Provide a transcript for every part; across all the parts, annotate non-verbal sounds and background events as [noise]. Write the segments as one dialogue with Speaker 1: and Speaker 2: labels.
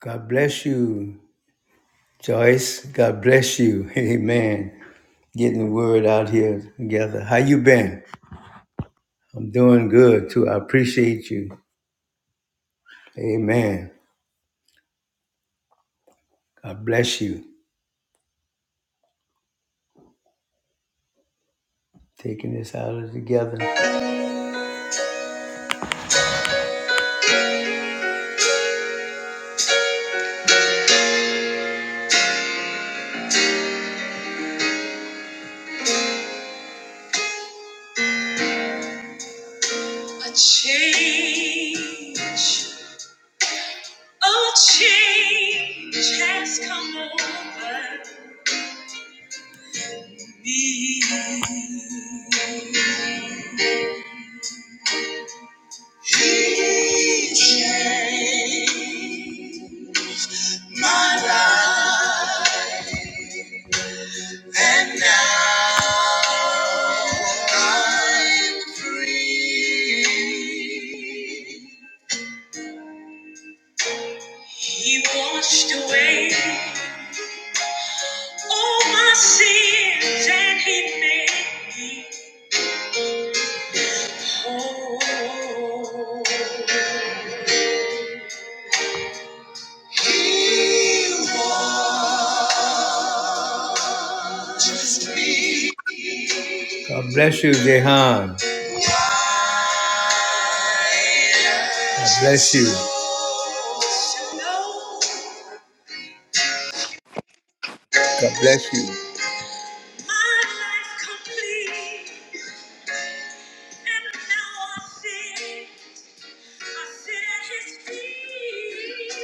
Speaker 1: God bless you, Joyce. God bless you. [laughs] Amen. Getting the word out here together. How you been? I'm doing good too. I appreciate you. Amen. God bless you. Taking this out of together. A change, a change has come over me. Change my life. And now I'm free. He washed away all my sins and he made me whole. God bless you, Jehan. God bless you. God bless you. My life complete, and now I sing. I sit at his feet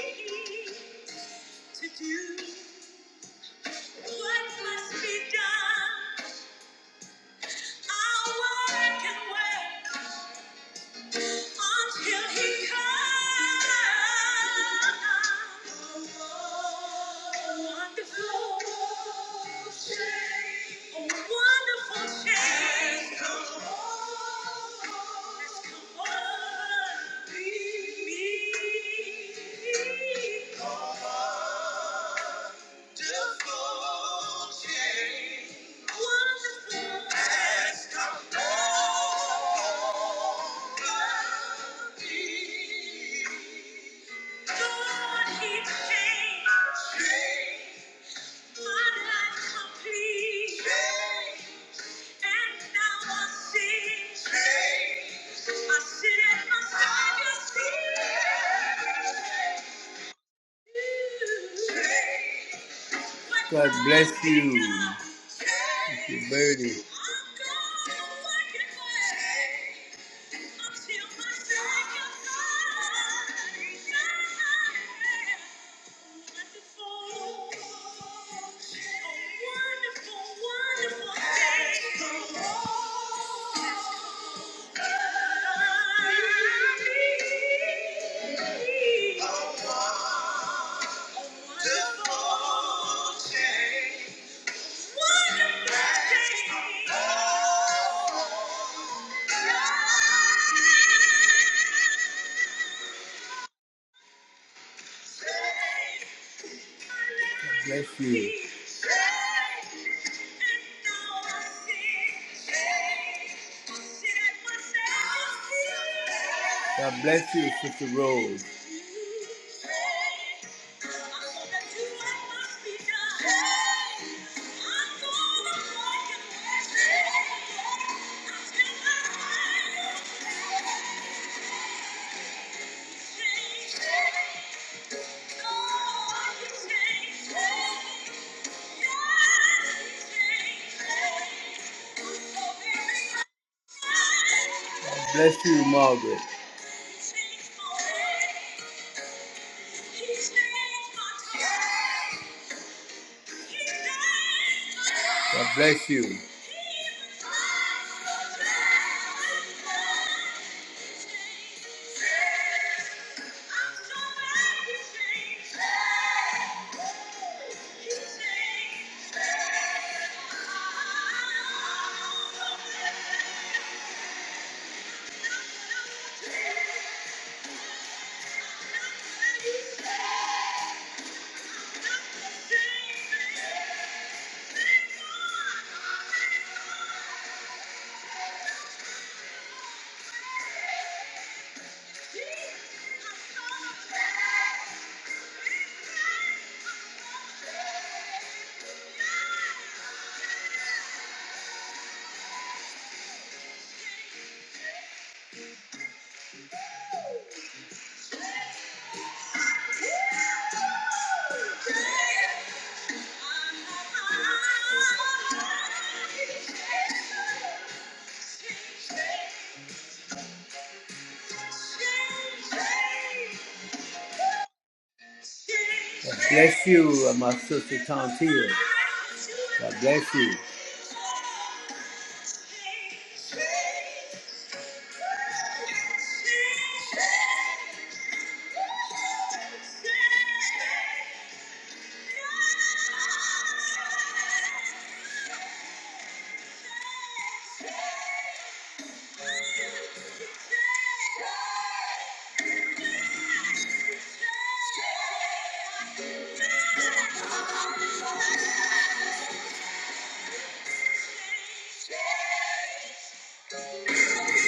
Speaker 1: to do what must be done. I'll work and wait until he comes. A wonderful change, a wonderful change has come on me. Change. God bless you. Thank you, Birdie. Wonderful. day. God Bless you. God bless you, Sister Rose. Bless you, Margaret. God bless you. bless you, uh, my sister Tantia. God bless you. Change, change, change, Wonderful.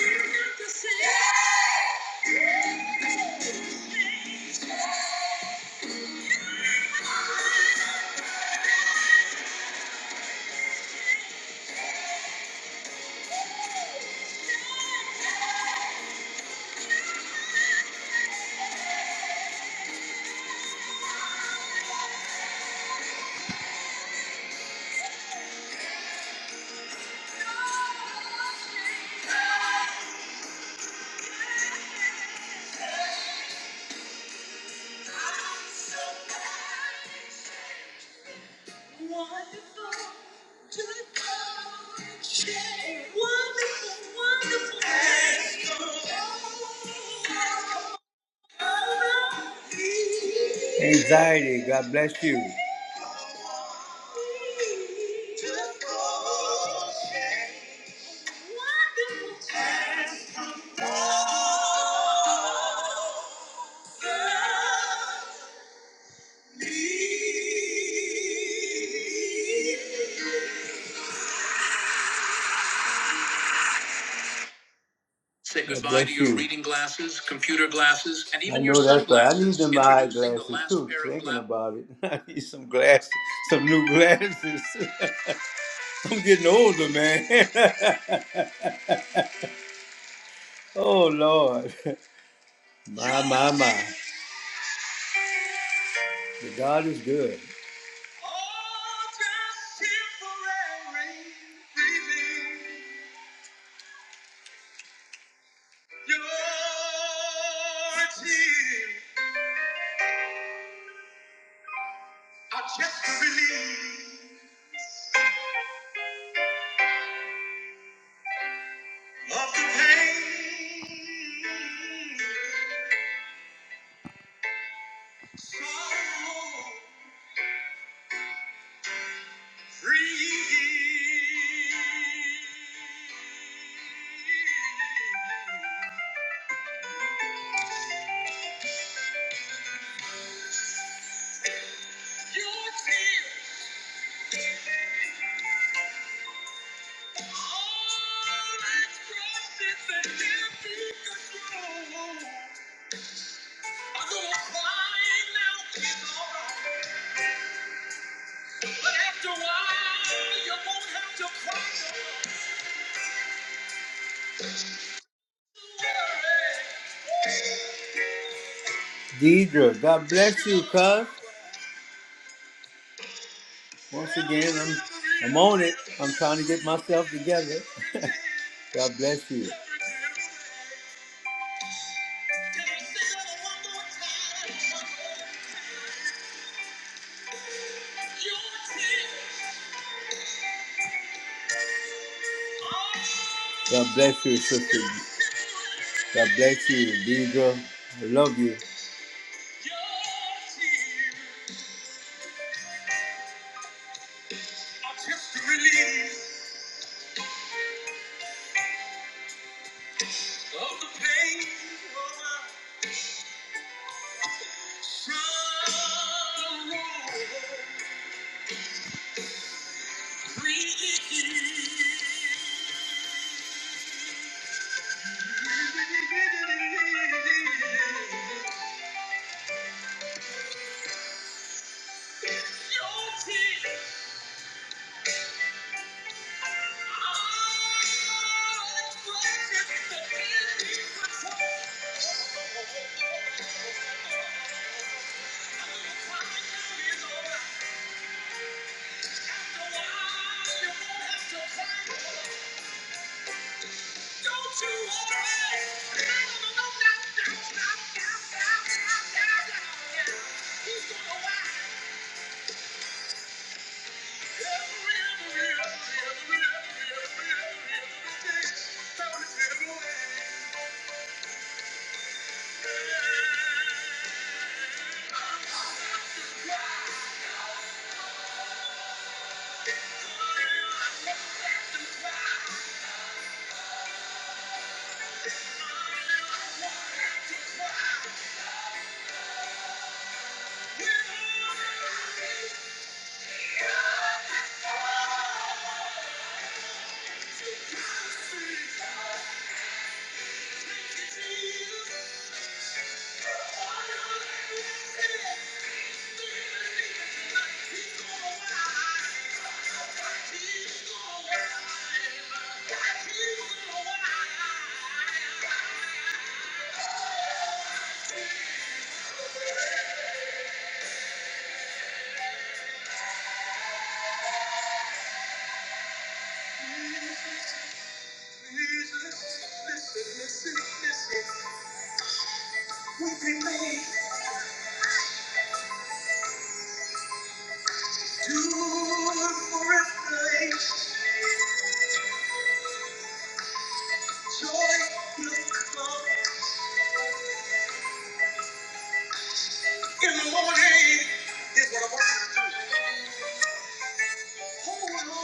Speaker 1: Wonderful, wonderful. Anxiety, God bless you. [laughs] Say goodbye to your you. reading glasses, computer glasses, and even I know your that's right. I need them sunglasses. them eye Introducing the glasses last too. pair of Thinking glasses- about it, [laughs] I need some glasses, some new glasses. [laughs] I'm getting older, man. [laughs] oh Lord, [laughs] my my my, the God is good. Oh, Deidre, God bless you, cuz. Once again, I'm, I'm on it. I'm trying to get myself together. God bless you. God bless you, sister. God bless you, Deidre. I love you. Just the release of the pain of my sorrow. Thank you. Wow. Joy will come in the morning. Here's what I want you to do. Will come in the morning.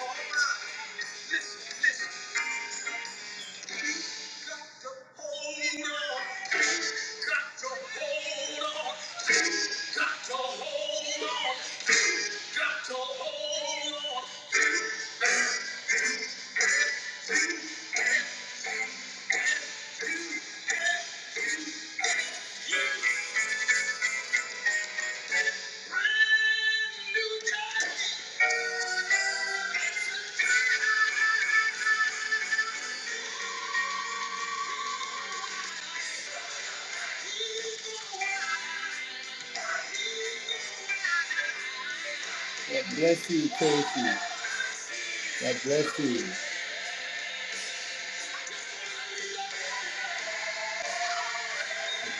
Speaker 1: Oh, my. Listen, listen. God bless you, Casey. God bless you.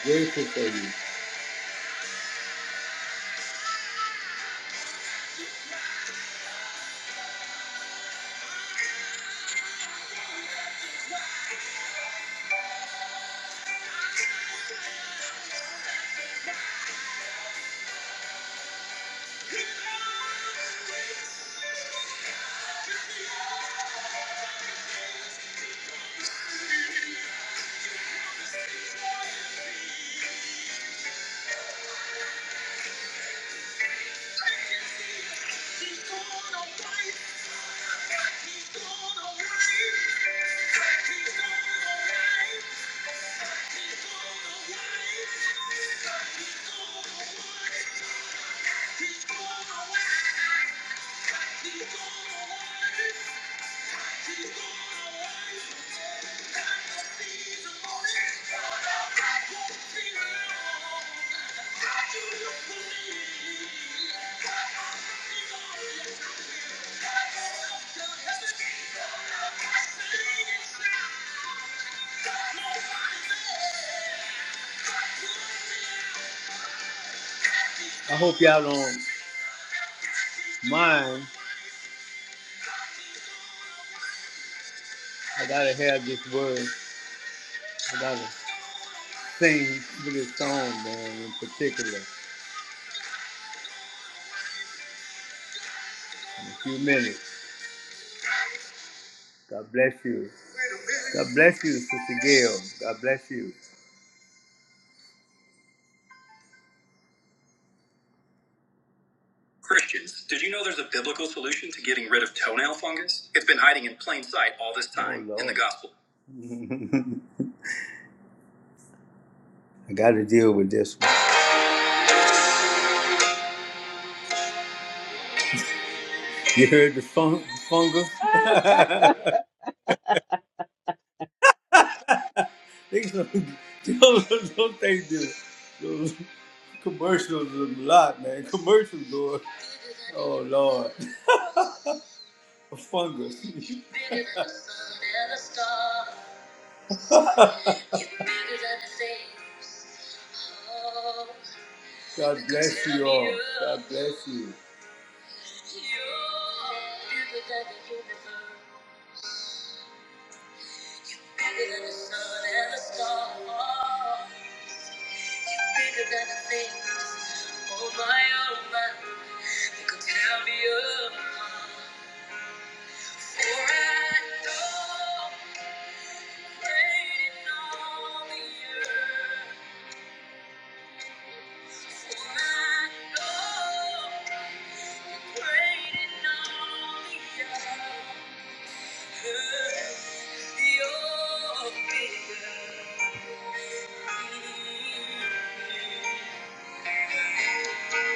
Speaker 1: I'm grateful for you. He's gone away. He's gone away. I hope y'all don't mind. I gotta have this word. I gotta sing with this song, man, in particular, in a few minutes. God bless you. God bless you, Sister Gail. God bless you. Christians, did you know there's a biblical solution to getting rid of toenail fungus? It's been hiding in plain sight all this time Oh, in the gospel. I got to deal with this one. You heard the fun- fungus? [laughs] they don't, don't they do those commercials a lot, man? Commercials go, oh Lord, a fungus. [laughs] God bless you all. God bless you. Bigger than the universe, bigger than the sun and the stars, bigger than the things. Oh my, oh my, that could tear me apart. For I know, waiting on the earth. For I know, waiting on the earth. Thank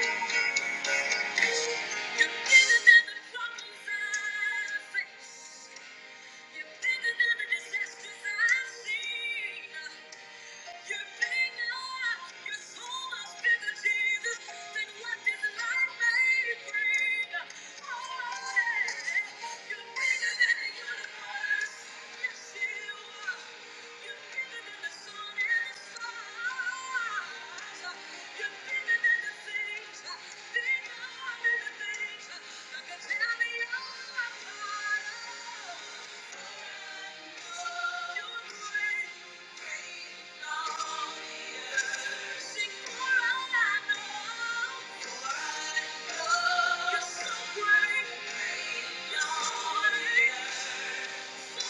Speaker 1: you. You're bigger than the troubles I face. You're bigger than the disasters I see. You're bigger. You're so much bigger, Jesus, than what this life may bring. Oh, yeah. You're bigger than the universe. Yes, you are. bigger than the sun and the stars. You're bigger Thank you. Thank you.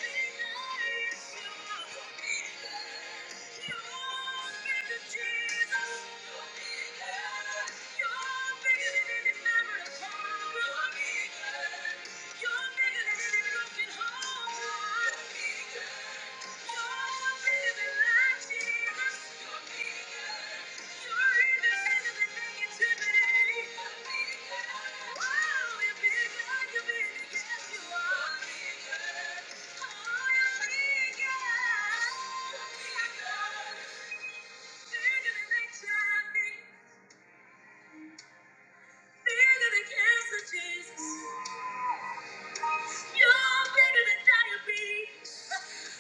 Speaker 1: You're bigger than any broken home. Jesus. You're bigger than diabetes.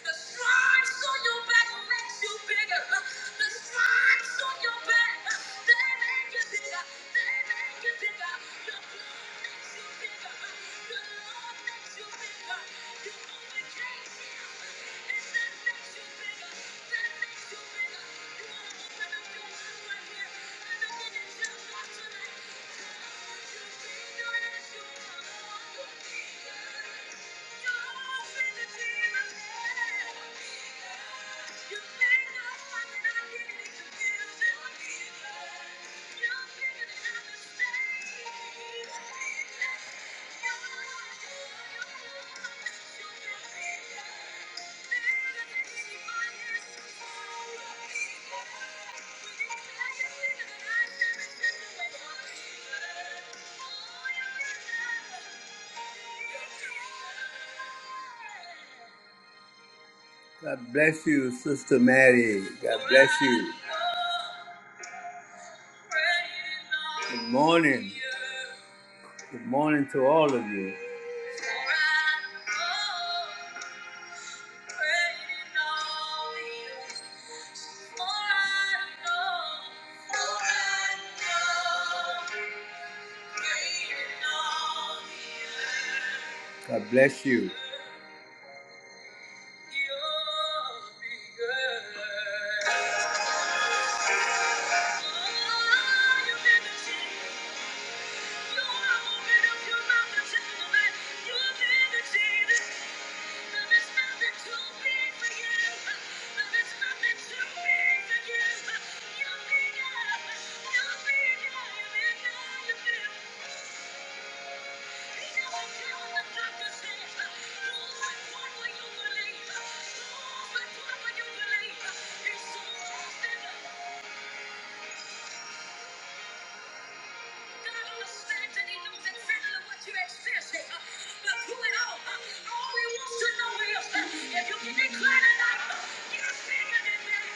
Speaker 1: The stripes on your back makes you bigger. The stripes on your back, they make you bigger. They make you bigger. Your blood makes you bigger. Your love makes you bigger. You overcame him, and that makes you bigger. That makes Thank you. God bless you, Sister Mary. God bless you. Good morning. Good morning to all of you. God bless you. Thank you. God understands and He knows exactly what you're experiencing. uh, But all, uh, He wants to know is uh, if you can declare tonight, uh, you're bigger than that. uh,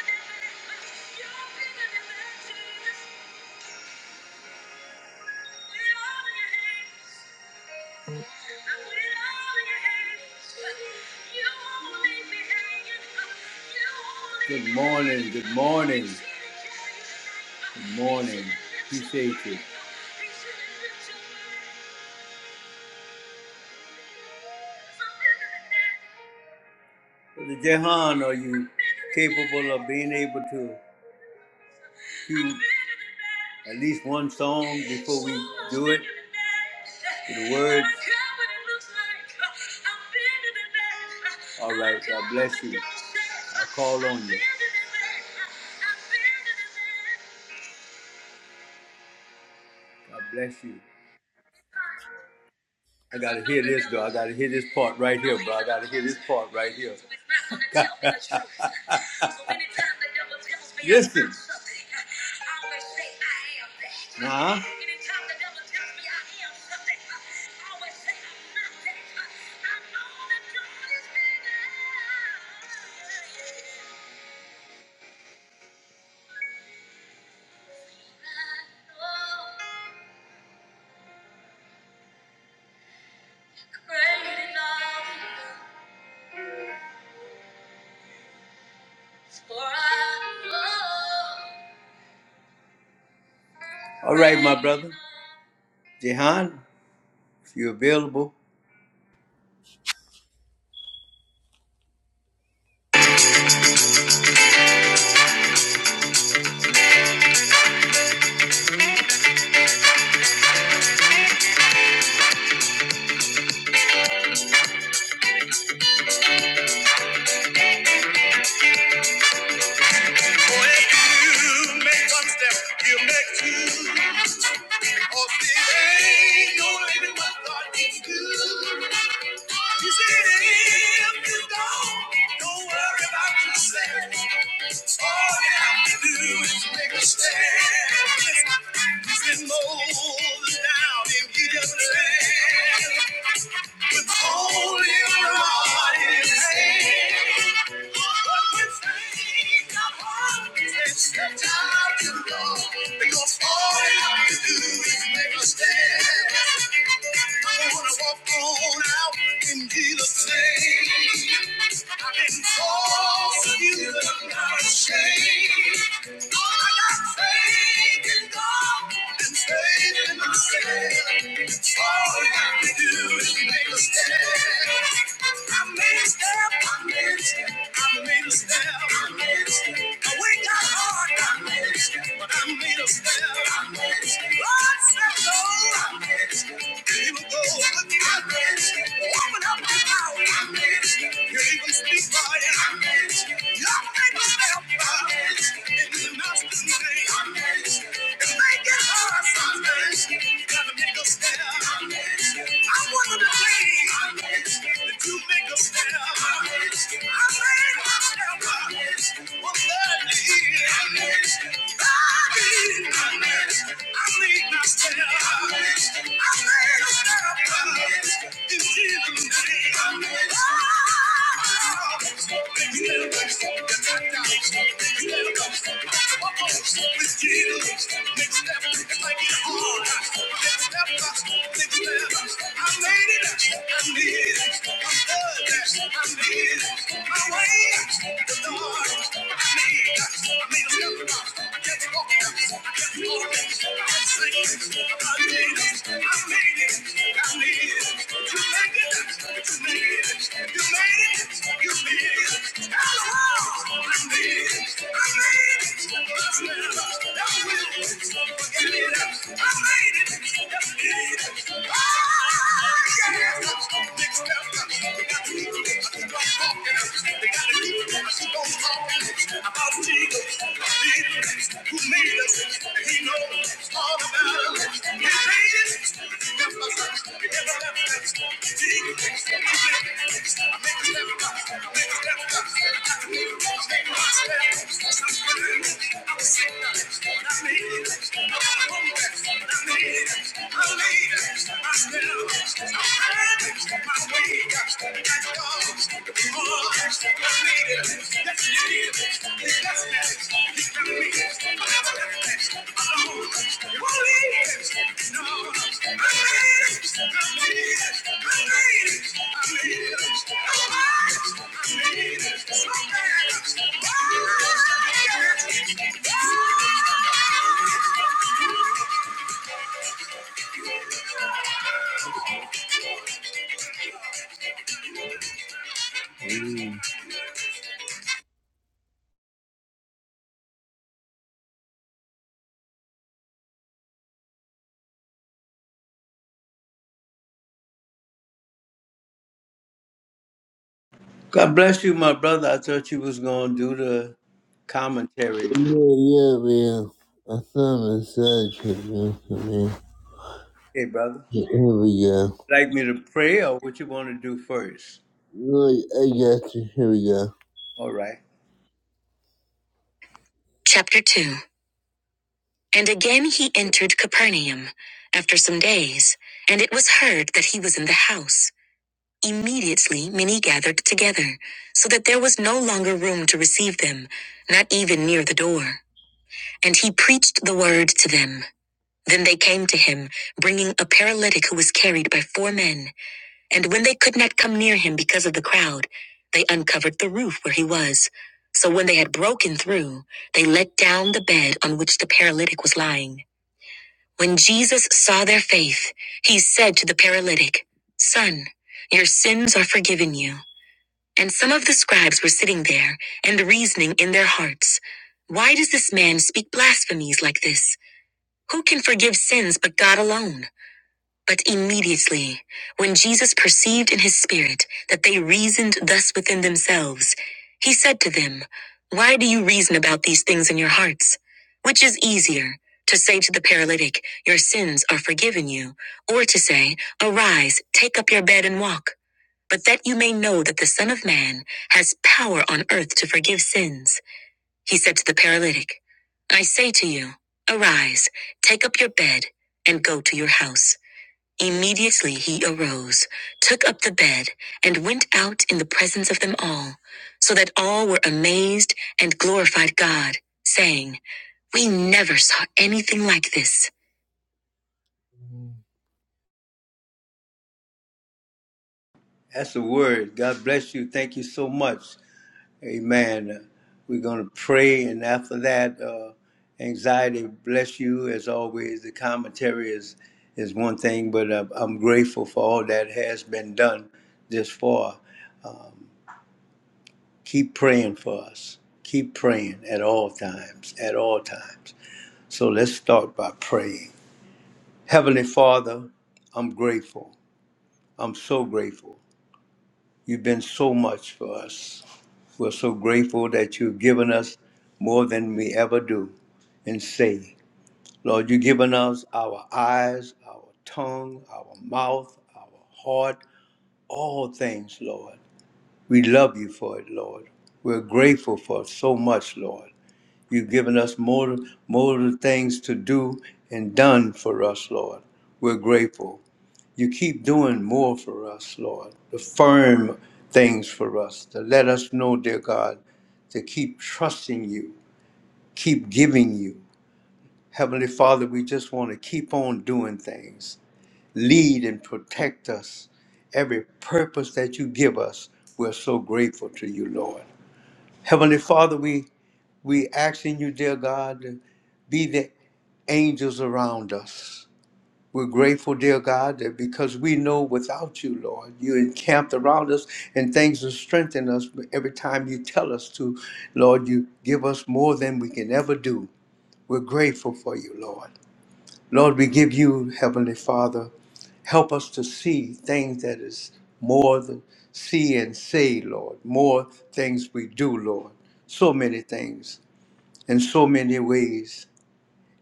Speaker 1: You're bigger than that. uh, You're bigger than that, Jesus. Good morning, good morning, good morning. Appreciate you. Brother Jehan, are you capable of being able to? cue at least one song before we do it. To the words. All right, God bless you. I call on you. God bless you. I gotta hear this though. I gotta hear this part right here, bro. I gotta hear this part right here. [laughs] Listen. Nah. All right, my brother. Jehan, if you're available.
Speaker 2: When you make one step, you make two. Because there ain't no living what God can do. He said, if you don't, don't worry about yourself. All you have to do is make a stand. He said, Moses down in Egypt's land. With only a rod in his hand. But when because all you have to do is make a stand. I wanna walk on out and be the same. I've been called to I'm not ashamed. I got faith in God and faith in myself. All I have to do is make a stand. I made a step. I made a step. I wake up hard, but I made a step. Lord said no. Here you go. Open up your mouth. You even speak by it. Y'all a step. It is a hard sometimes. got a step. I wanted to be. Next step, it's like it's hard. Next step, I made it. I made it. I made it. About Jesus, who made us, and he knows all about us. He made it. Thank you.
Speaker 1: God bless you, my brother. I thought you was gonna do the commentary.
Speaker 2: Yeah, yeah, man. I found a side tribute for me.
Speaker 1: Hey, brother.
Speaker 2: Here we go.
Speaker 1: Like me to pray or what you want to do first?
Speaker 2: Look, I got you. Here we go.
Speaker 1: All right.
Speaker 2: Chapter 2 And again he entered Capernaum after some days, and it was heard that he was in the house. Immediately many gathered together, so that there was no longer room to receive them, not even near the door. And he preached the word to them. Then they came to him, bringing a paralytic who was carried by four men. And when they could not come near him because of the crowd, they uncovered the roof where he was. So when they had broken through, they let down the bed on which the paralytic was lying. When Jesus saw their faith, he said to the paralytic, Son, your sins are forgiven you. And some of the scribes were sitting there and reasoning in their hearts, Why does this man speak blasphemies like this? Who can forgive sins but God alone? But immediately, when Jesus perceived in his spirit that they reasoned thus within themselves, he said to them, Why do you reason about these things in your hearts? Which is easier, to say to the paralytic, 'Your sins are forgiven you, or to say, 'Arise, take up your bed and walk? But that you may know that the Son of Man has power on earth to forgive sins, he said to the paralytic, I say to you, Arise, take up your bed, and go to your house. Immediately he arose, took up the bed, and went out in the presence of them all, so that all were amazed and glorified God, saying, We never saw anything like this.
Speaker 1: That's the word. God bless you. Thank you so much. Amen. Uh, We're gonna pray and after that, uh, anxiety bless you as always. The commentary is is one thing, but uh, I'm grateful for all that has been done this far. Keep praying for us. Keep praying at all times, at all times. So let's start by praying. Heavenly Father, I'm grateful. I'm so grateful. You've been so much for us. We're so grateful that you've given us more than we ever do and say, Lord, you've given us our eyes, our tongue, our mouth, our heart, all things, Lord. We love you for it, Lord. We're grateful for so much, Lord. You've given us more, more things to do and done for us, Lord. We're grateful. You keep doing more for us, Lord. The firm things for us to let us know, dear God, to keep trusting you, keep giving you. Heavenly Father, we just want to keep on doing things. Lead and protect us. Every purpose that you give us, we're so grateful to you, Lord. Heavenly Father, we we asking you, dear God, to be the angels around us. We're grateful, dear God, that because we know without you, Lord, you encamped around us and things are strengthening us every time you tell us to. Lord, you give us more than we can ever do. We're grateful for you, Lord. Lord, we give you, Heavenly Father, help us to see things that is more than see and say, Lord, more things we do, Lord. So many things in so many ways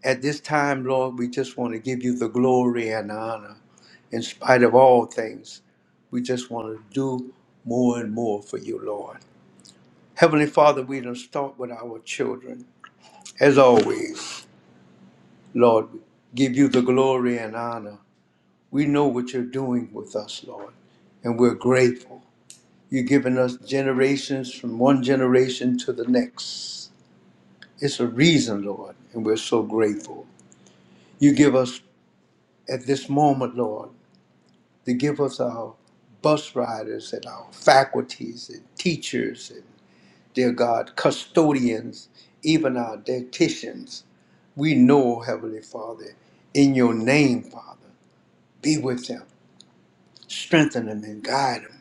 Speaker 1: at this time, Lord, we just want to give you the glory and honor in spite of all things. We just want to do more and more for you, Lord. Heavenly Father, we don't start with our children. As always, Lord, we give you the glory and honor. We know what you're doing with us, Lord, and we're grateful. You've given us generations from one generation to the next. It's a reason, Lord, and we're so grateful. You give us at this moment, Lord. to give us our bus riders and our faculties and teachers and, dear God, custodians, even our dietitians. We know, Heavenly Father, in your name, Father, be with them, strengthen them, and guide them,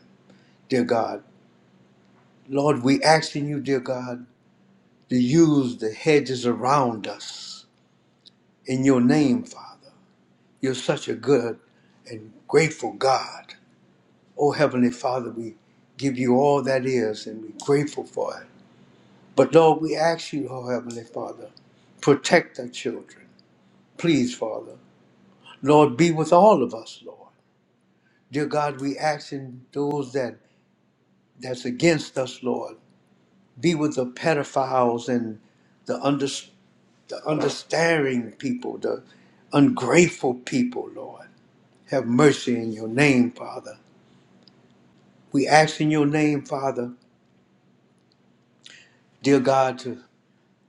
Speaker 1: dear God. Lord, we asking you, dear God, to use the hedges around us in your name, Father. You're such a good and grateful God. Oh, Heavenly Father, we give you all that is and we're grateful for it. But Lord, we ask you, oh, Heavenly Father, protect our children. Please, Father. Lord, be with all of us, Lord. Dear God, we ask in those that that's against us, Lord. Be with the pedophiles and the, under, the understanding people, the ungrateful people, Lord. Have mercy in your name, Father. We ask in your name, Father, dear God, to.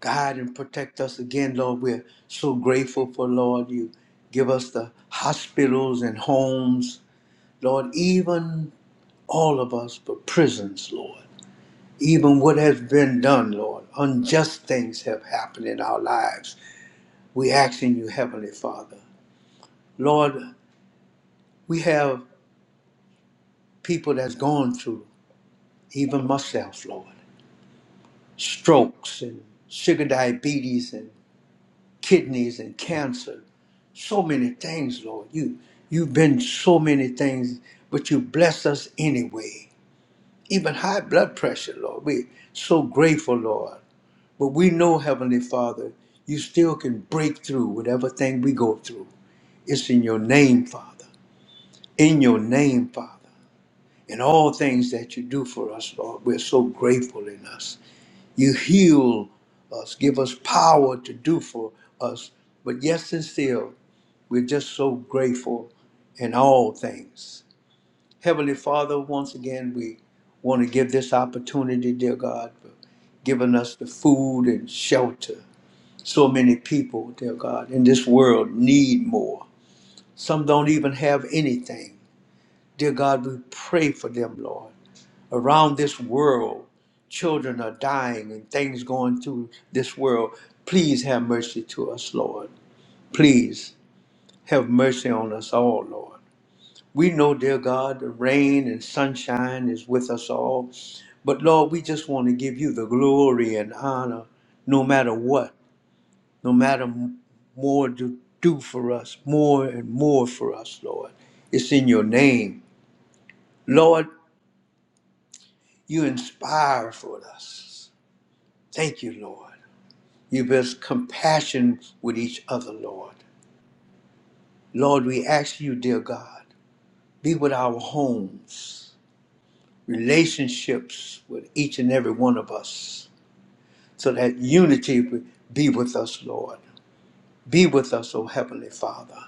Speaker 1: guide and protect us again, Lord. We're so grateful for, Lord, you give us the hospitals and homes, Lord, even all of us, but prisons, Lord. Even what has been done, Lord, unjust things have happened in our lives. We ask in you, Heavenly Father. Lord, we have people that's gone through, even myself, Lord, strokes and sugar diabetes and. kidneys and cancer, so many things, Lord. You you've been so many things, but you bless us anyway. Even high blood pressure, Lord. We're so grateful, Lord. But we know, Heavenly Father, you still can break through whatever thing we go through. It's in your name, Father. In your name, Father. In all things that you do for us, Lord, we're so grateful in us. You heal us, give us power to do for us. But yes and still, we're just so grateful in all things. Heavenly Father, once again, we want to give this opportunity, dear God, for giving us the food and shelter. So many people, dear God, in this world need more. Some don't even have anything. Dear God, we pray for them, Lord. Around this world, children are dying and things going through this world. Please have mercy to us, Lord. Please have mercy on us all, Lord. We know, dear God, the rain and sunshine is with us all. But Lord, we just want to give you the glory and honor no matter what, no matter m- more to do for us, more and more for us, Lord. It's in your name. Lord, you inspire for us. Thank you, Lord. You best compassion with each other, Lord. Lord, we ask you, dear God, be with our homes. relationships with each and every one of us so that unity would be with us, Lord. Be with us, O Heavenly Father.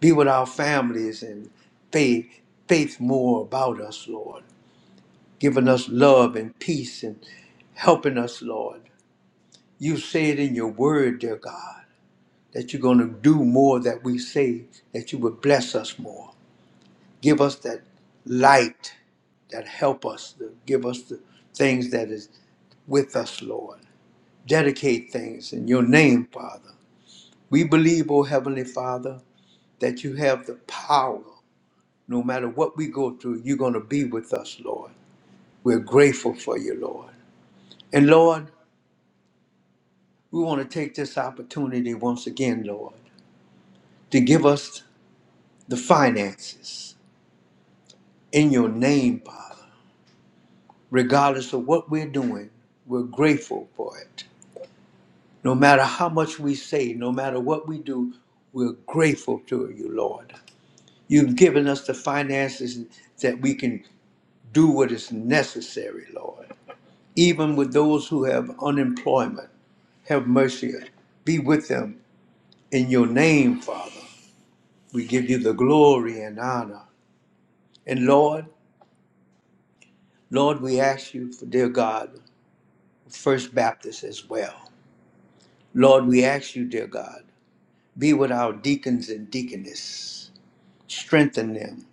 Speaker 1: Be with our families and faith, faith more about us, Lord. Giving us love and peace and helping us, Lord. You say it in your word, dear God, that you're going to do more that we say, that you would bless us more. Give us that light that help us, to give us the things that is with us, Lord. Dedicate things in your name, Father. We believe, O Heavenly Father, that you have the power. No matter what we go through, you're going to be with us, Lord. We're grateful for you, Lord. And Lord, we want to take this opportunity once again, Lord, to give us the finances in your name, Father. Regardless of what we're doing, we're grateful for it. No matter how much we say, no matter what we do, we're grateful to you, Lord. You've given us the finances that we can do what is necessary, Lord. Even with those who have unemployment, have mercy. Be with them in your name, Father. We give you the glory and honor. And Lord, Lord, we ask you for, dear God, First Baptist as well. Lord, we ask you, dear God, be with our deacons and deaconess. Strengthen them.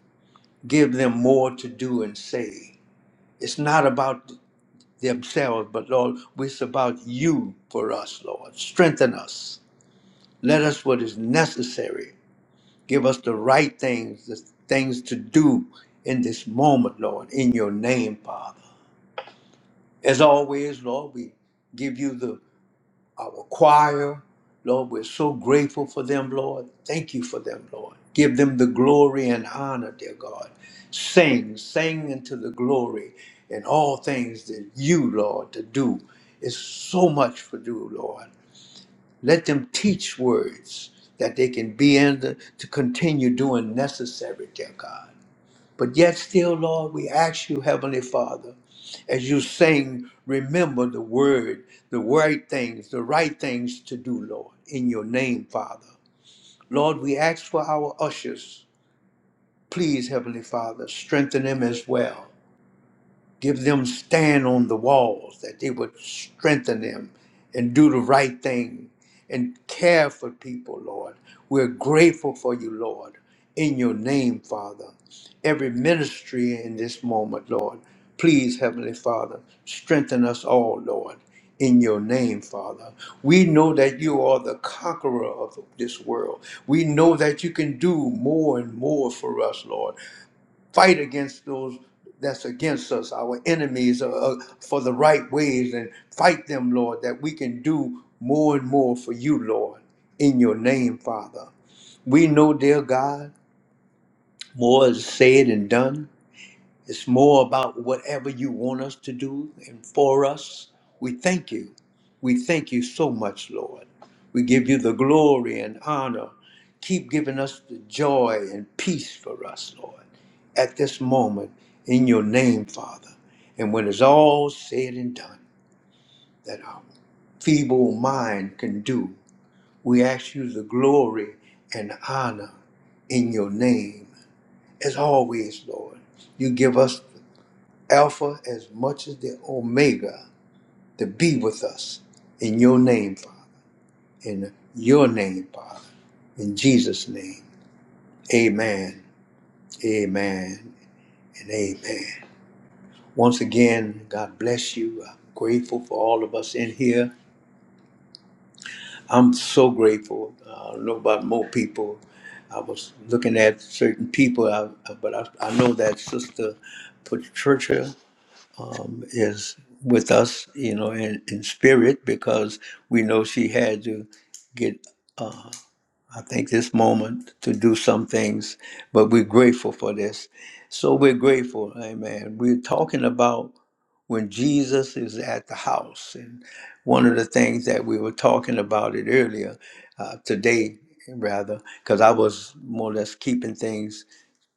Speaker 1: Give them more to do and say. It's not about themselves, but Lord, it's about you for us, Lord. Strengthen us. Let us what is necessary. Give us the right things, the things to do in this moment, Lord, in your name, Father. As always, Lord, we give you the our choir. Lord, we're so grateful for them, Lord. Thank you for them, Lord. Give them the glory and honor, dear God. Sing, sing into the glory and all things that you, Lord, to do. is so much for do, Lord. Let them teach words that they can be in the, to continue doing necessary, dear God. But yet, still, Lord, we ask you, Heavenly Father, as you sing, remember the word, the right things, the right things to do, Lord, in your name, Father. Lord, we ask for our ushers. Please, Heavenly Father, strengthen them as well give them stand on the walls, that they would strengthen them and do the right thing and care for people, Lord. We're grateful for you, Lord, in your name, Father. Every ministry in this moment, Lord, please, Heavenly Father, strengthen us all, Lord. In your name, Father. We know that you are the conqueror of this world. We know that you can do more and more for us, Lord fight against those that's against us, our enemies, uh, uh, for the right ways and fight them, Lord, that we can do more and more for you, Lord, in your name, Father. We know, dear God, more is said and done it's more about whatever you want us to do and for us. We thank you. We thank you so much, Lord. We give you the glory and honor. Keep giving us the joy and peace for us, Lord, at this moment in your name, Father. And when it's all said and done, that our feeble mind can do, we ask you the glory and honor in your name. As always, Lord, you give us Alpha as much as the Omega to be with us in your name, Father. In your name, Father. In Jesus' name. Amen. Amen. And amen. Once again, God bless you. I'm grateful for all of us in here. I'm so grateful. Uh, I don't know about more people. I was looking at certain people, I, but I, I know that Sister Patricia um, is with us, you know, in, in spirit because we know she had to get. I think this moment to do some things, but we're grateful for this. So we're grateful, amen. We're talking about when Jesus is at the house. And one of the things that we were talking about it earlier, uh, today rather, because I was more or less keeping things,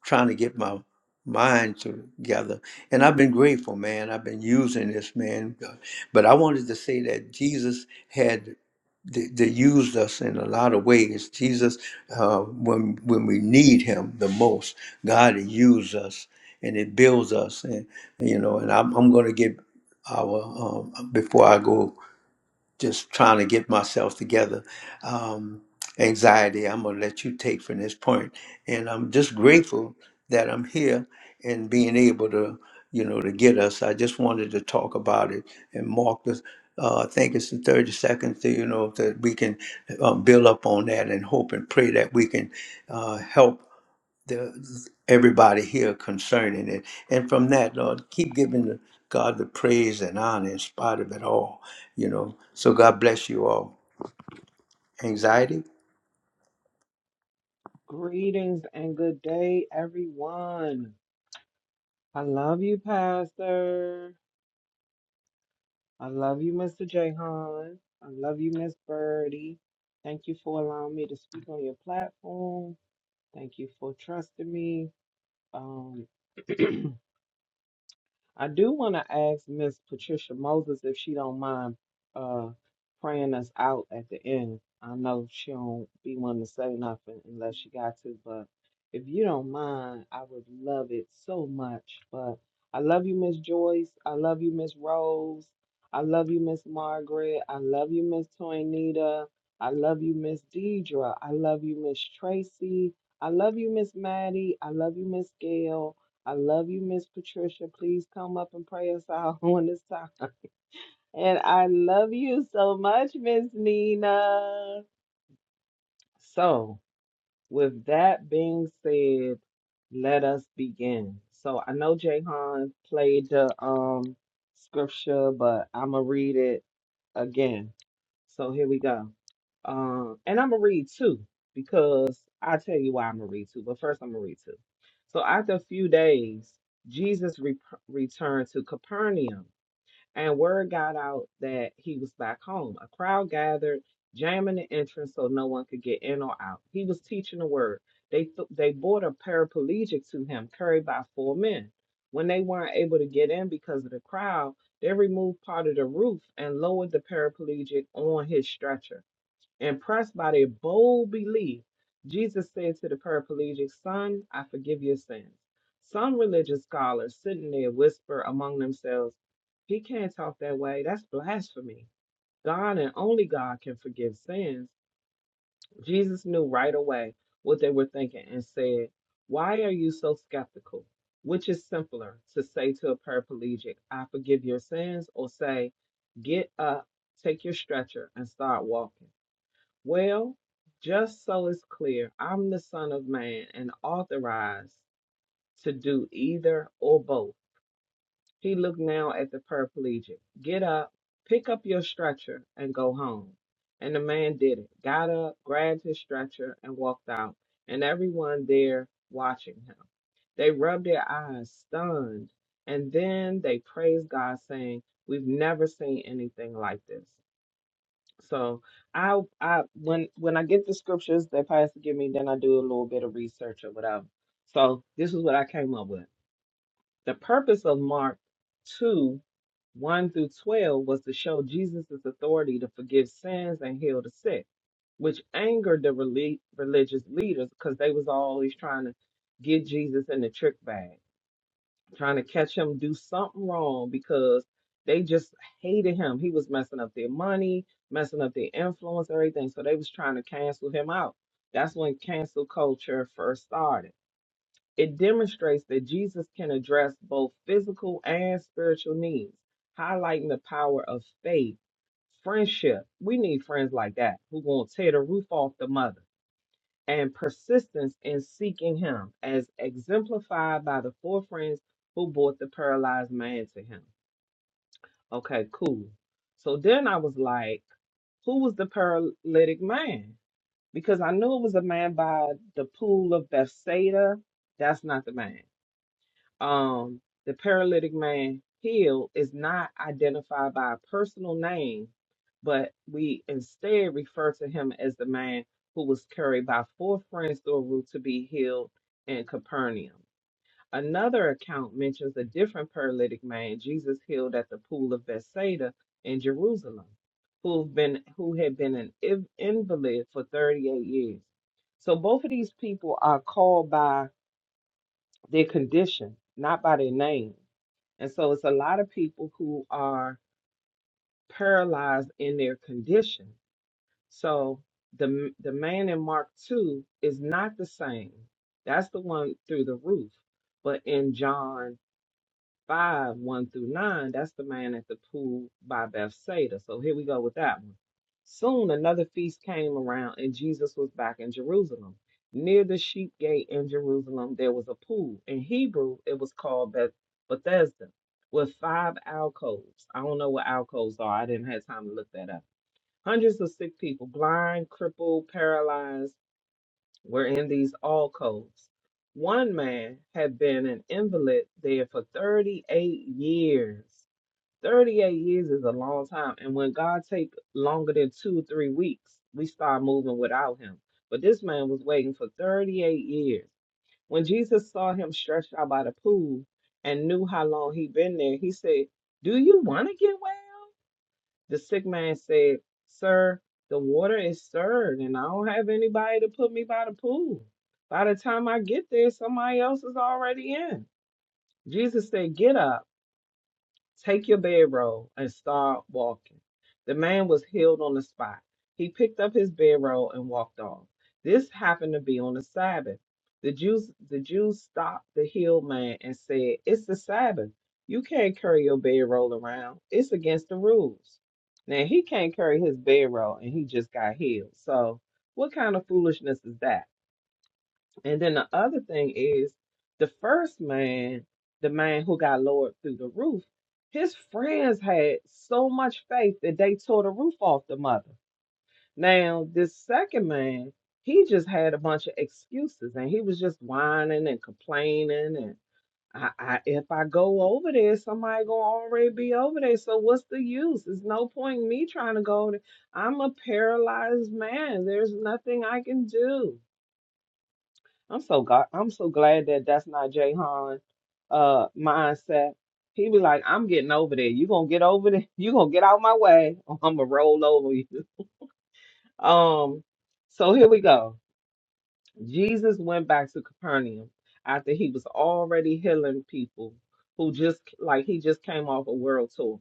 Speaker 1: trying to get my mind together. And I've been grateful, man. I've been using this, man. But I wanted to say that Jesus had. They that used us in a lot of ways. Jesus, uh, when when we need Him the most, God uses us and it builds us. And you know, and I'm I'm going to get our um, before I go just trying to get myself together. Um, anxiety, I'm going to let you take from this point. And I'm just grateful that I'm here and being able to, you know, to get us. I just wanted to talk about it and mark this. Uh, I think it's the 30 seconds, to, you know, that we can um, build up on that and hope and pray that we can uh, help the, everybody here concerning it. And from that, Lord, keep giving the, God the praise and honor in spite of it all, you know. So God bless you all. Anxiety?
Speaker 3: Greetings and good day, everyone. I love you, Pastor. I love you, Mr. Jahan. I love you, Miss Birdie. Thank you for allowing me to speak on your platform. Thank you for trusting me. Um, [clears throat] I do want to ask Miss Patricia Moses if she don't mind uh praying us out at the end. I know she don't be one to say nothing unless she got to, but if you don't mind, I would love it so much. But I love you, Miss Joyce. I love you, Miss Rose. I love you, Miss Margaret. I love you, Miss Toinita. I love you, Miss Deidra. I love you, Miss Tracy. I love you, Miss Maddie. I love you, Miss Gail. I love you, Miss Patricia. Please come up and pray us out [laughs] on this time. And I love you so much, Miss Nina. So, with that being said, let us begin. So, I know Jahan played the um scripture, but I'm gonna read it again. So here we go. Um, and I'm gonna read two because I tell you why I'm gonna read two. But first, I'm gonna read two. So after a few days, Jesus re- returned to Capernaum and word got out that he was back home. A crowd gathered, jamming the entrance so no one could get in or out. He was teaching the word. They th- they brought a paraplegic to him, carried by four men. When they weren't able to get in because of the crowd, they removed part of the roof and lowered the paraplegic on his stretcher. Impressed by their bold belief, Jesus said to the paraplegic, Son, I forgive your sins. Some religious scholars sitting there whisper among themselves, He can't talk that way. That's blasphemy. God and only God can forgive sins. Jesus knew right away what they were thinking and said, Why are you so skeptical? Which is simpler to say to a paraplegic, I forgive your sins, or say, Get up, take your stretcher, and start walking? Well, just so it's clear, I'm the Son of Man and authorized to do either or both. He looked now at the paraplegic. Get up, pick up your stretcher, and go home. And the man did it, got up, grabbed his stretcher, and walked out, and everyone there watching him. They rubbed their eyes, stunned, and then they praised God, saying, We've never seen anything like this. So I I when when I get the scriptures that Pastor give me, then I do a little bit of research or whatever. So this is what I came up with. The purpose of Mark two, one through twelve was to show Jesus' authority to forgive sins and heal the sick, which angered the reli- religious leaders because they was always trying to get Jesus in the trick bag trying to catch him do something wrong because they just hated him. He was messing up their money, messing up their influence, everything. So they was trying to cancel him out. That's when cancel culture first started. It demonstrates that Jesus can address both physical and spiritual needs, highlighting the power of faith, friendship. We need friends like that who won't tear the roof off the mother and persistence in seeking him, as exemplified by the four friends who brought the paralyzed man to him. Okay, cool. So then I was like, who was the paralytic man? Because I knew it was a man by the pool of Bethsaida. That's not the man um, the paralytic man healed is not identified by a personal name, but we instead refer to him as the man who was carried by four friends through a roof to be healed in Capernaum. Another account mentions a different paralytic man Jesus healed at the pool of Bethsaida in Jerusalem, who've been who had been an inv- invalid for 38 years. So both of these people are called by their condition, not by their name. And so it's a lot of people who are paralyzed in their condition. So the the man in Mark 2 is not the same. That's the one through the roof. But in John 5, 1 through 9, that's the man at the pool by Bethsaida. So here we go with that one. Soon another feast came around, and Jesus was back in Jerusalem. Near the sheep gate in Jerusalem, there was a pool. In Hebrew, it was called Beth- Bethesda, with five alcoves. I don't know what alcoves are. I didn't have time to look that up. Hundreds of sick people, blind, crippled, paralyzed were in these all codes. One man had been an invalid there for 38 years. 38 years is a long time. And when God take longer than two, three weeks, we start moving without him. But this man was waiting for 38 years. When Jesus saw him stretched out by the pool and knew how long he'd been there, he said, Do you want to get well? The sick man said, Sir, the water is stirred, and I don't have anybody to put me by the pool. By the time I get there, somebody else is already in. Jesus said, Get up. Take your bedroll and start walking. The man was healed on the spot. He picked up his bedroll and walked off. This happened to be on the Sabbath. The Jews the Jews stopped the healed man and said, It's the Sabbath. You can't carry your bedroll around. It's against the rules. Now he can't carry his bedroll and he just got healed. So what kind of foolishness is that? And then the other thing is the first man, the man who got lowered through the roof, his friends had so much faith that they tore the roof off the mother. Now, this second man, he just had a bunch of excuses and he was just whining and complaining and I, I if I go over there, somebody gonna already be over there. So what's the use? There's no point in me trying to go over there. I'm a paralyzed man. There's nothing I can do. I'm so glad. I'm so glad that that's not Jay Han uh mindset. He was like, I'm getting over there. You gonna get over there? [laughs] You gonna get out my way? Or I'm gonna roll over you. [laughs] Um. So here we go. Jesus went back to Capernaum after he was already healing people who just like he just came off a world tour.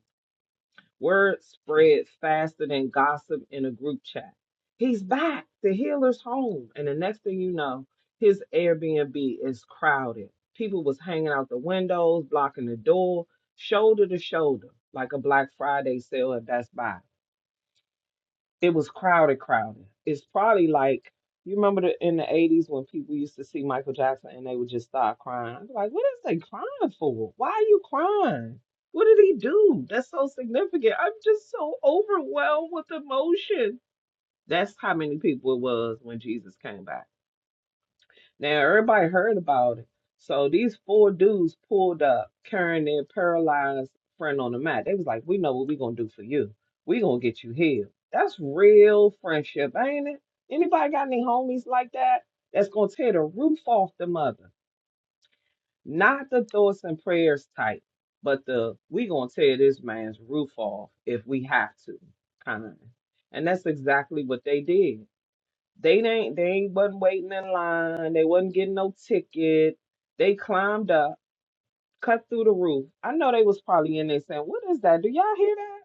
Speaker 3: Word spreads faster than gossip in a group chat. He's back. The healer's home. And the next thing you know, his Airbnb is crowded. People was hanging out the windows, blocking the door, shoulder to shoulder, like a Black Friday sale at Best Buy it was crowded, crowded. It's probably like you remember the, in the eighties when people used to see Michael Jackson and they would just start crying. I'm like, what is they crying for? Why are you crying? What did he do? That's so significant. I'm just so overwhelmed with emotion. That's how many people it was when Jesus came back. Now everybody heard about it. So these four dudes pulled up carrying their paralyzed friend on the mat. They was like, "We know what we gonna do for you. We gonna get you healed." That's real friendship, ain't it? Anybody got any homies like that? That's gonna tear the roof off the mother. Not the thoughts and prayers type, but the we gonna tear this man's roof off if we have to kind. And that's exactly what they did. They ain't they ain't wasn't waiting in line. They wasn't getting no ticket. They climbed up, cut through the roof. I know they was probably in there saying, "What is that? Do y'all hear that?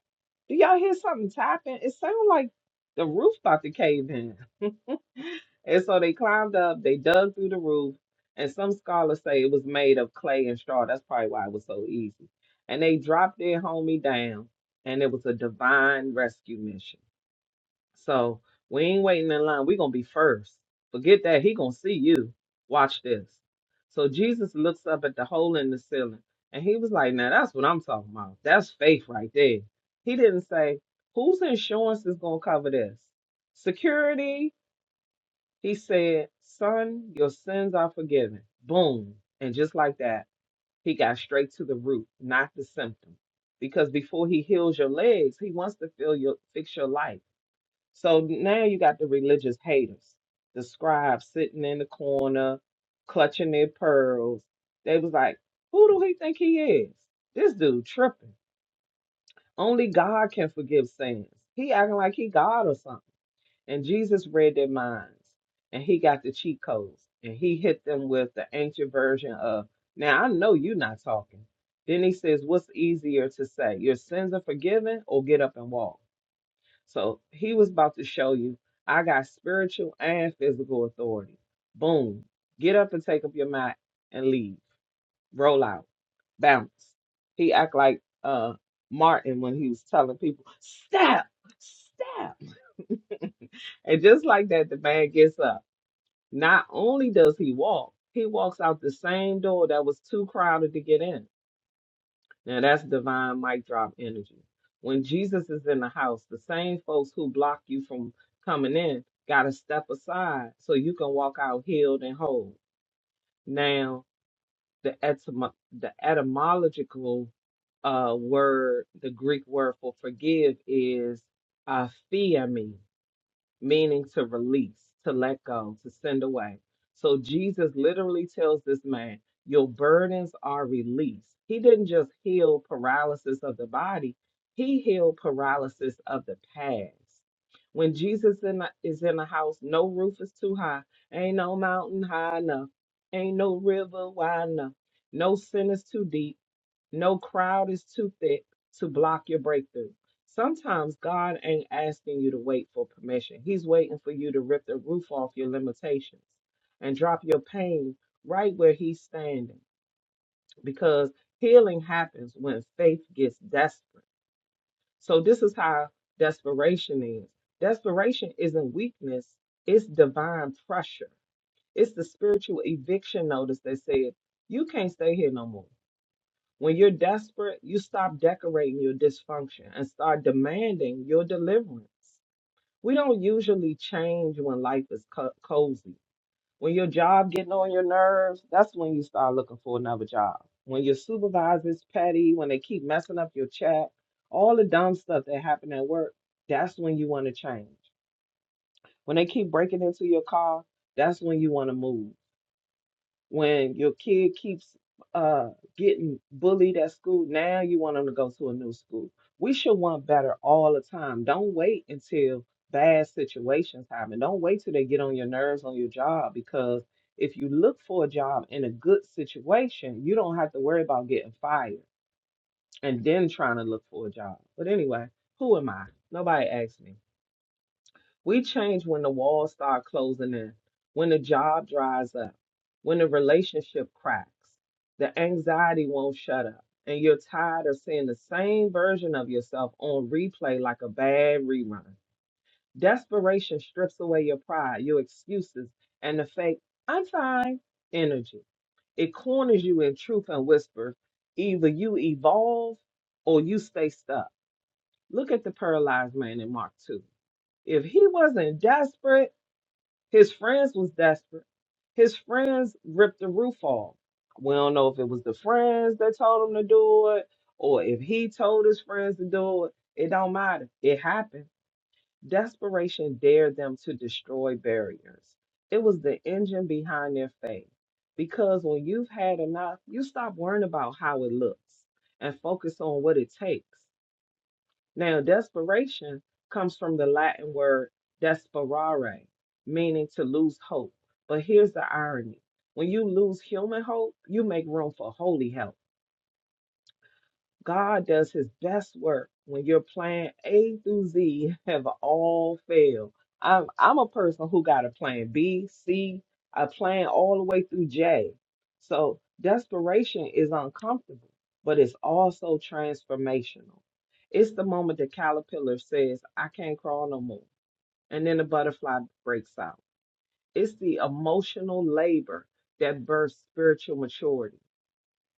Speaker 3: Do y'all hear something tapping? It sounded like the roof about to cave in." [laughs] And so they climbed up. They dug through the roof, and some scholars say it was made of clay and straw. That's probably why it was so easy. And they dropped their homie down, and it was a divine rescue mission. So we ain't waiting in line. we gonna be first. Forget that. He gonna see you. Watch this. So Jesus looks up at the hole in the ceiling and he was like, Now that's what I'm talking about. That's faith right there. He didn't say, Whose insurance is gonna cover this? Security, he said, Son, your sins are forgiven. Boom. And just like that, he got straight to the root, not the symptom. Because before he heals your legs, he wants to feel your fix your life. So now you got the religious haters, the scribes sitting in the corner, clutching their pearls. They was like, who do he think he is? This dude tripping. Only God can forgive sins. He acting like he God or something. And Jesus read their minds and he got the cheat codes and he hit them with the ancient version of, now I know you're not talking. Then he says, what's easier to say? Your sins are forgiven or get up and walk? So he was about to show you, I got spiritual and physical authority. Boom. Get up and take up your mat and leave. Roll out. Bounce. He act like uh Martin when he was telling people, step, step. And just like that, the man gets up. Not only does he walk, he walks out the same door that was too crowded to get in. Now that's divine mic drop energy. When Jesus is in the house, the same folks who block you from coming in got to step aside so you can walk out healed and whole. Now, the etymo- the etymological uh word, the Greek word for forgive is aphiemi, meaning to release, to let go, to send away. So Jesus literally tells this man, Your burdens are released. He didn't just heal paralysis of the body, he healed paralysis of the past. When Jesus in the, is in the house, no roof is too high, ain't no mountain high enough, ain't no river wide enough, no sin is too deep. No crowd is too thick to block your breakthrough. Sometimes God ain't asking you to wait for permission. He's waiting for you to rip the roof off your limitations and drop your pain right where He's standing because healing happens when faith gets desperate. So, this is how desperation is desperation isn't weakness, it's divine pressure. It's the spiritual eviction notice that said, You can't stay here no more. When you're desperate, you stop decorating your dysfunction and start demanding your deliverance. We don't usually change when life is co- cozy. When your job getting on your nerves, that's when you start looking for another job. When your supervisor's petty, when they keep messing up your check, all the dumb stuff that happened at work, that's when you want to change. When they keep breaking into your car, that's when you want to move. When your kid keeps uh, getting bullied at school, now you want them to go to a new school. We should want better all the time. Don't wait until bad situations happen. Don't wait till they get on your nerves on your job because if you look for a job in a good situation, you don't have to worry about getting fired and then trying to look for a job. But anyway, who am I? Nobody asked me. We change when the walls start closing in, when the job dries up, when the relationship cracks, the anxiety won't shut up, and you're tired of seeing the same version of yourself on replay like a bad rerun. Desperation strips away your pride, your excuses, and the fake, I'm fine energy. It corners you in truth and whispers either you evolve or you stay stuck. Look at the paralyzed man in Mark 2. If he wasn't desperate, his friends was desperate. His friends ripped the roof off. We don't know if it was the friends that told him to do it or if he told his friends to do it. It don't matter. It happened. Desperation dared them to destroy barriers. It was the engine behind their faith. Because when you've had enough, you stop worrying about how it looks and focus on what it takes. Now, desperation comes from the Latin word desperare, meaning to lose hope. But here's the irony when you lose human hope, you make room for holy hope. God does his best work when your plan A through Z [laughs] have all failed. I'm I'm a person who got a plan B, C, a plan all the way through J. So desperation is uncomfortable, but it's also transformational. It's the moment the caterpillar says, I can't crawl no more. And then the butterfly breaks out. It's the emotional labor that births spiritual maturity.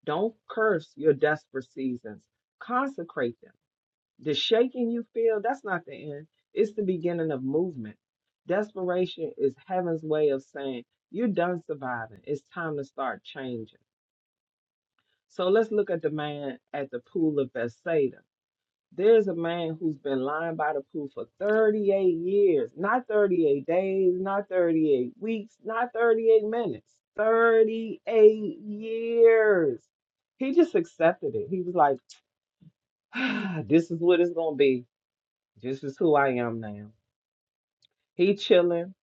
Speaker 3: Don't curse your desperate seasons. Consecrate them. The shaking you feel, that's not the end. It's the beginning of movement. Desperation is heaven's way of saying, you're done surviving. It's time to start changing. So let's look at the man at the pool of Bethsaida. There's a man who's been lying by the pool for 38 years, not 38 days, not 38 weeks, not 38 minutes, 38 years. He just accepted it. He was like, ah, this is what it's going to be. This is who I am now. He chilling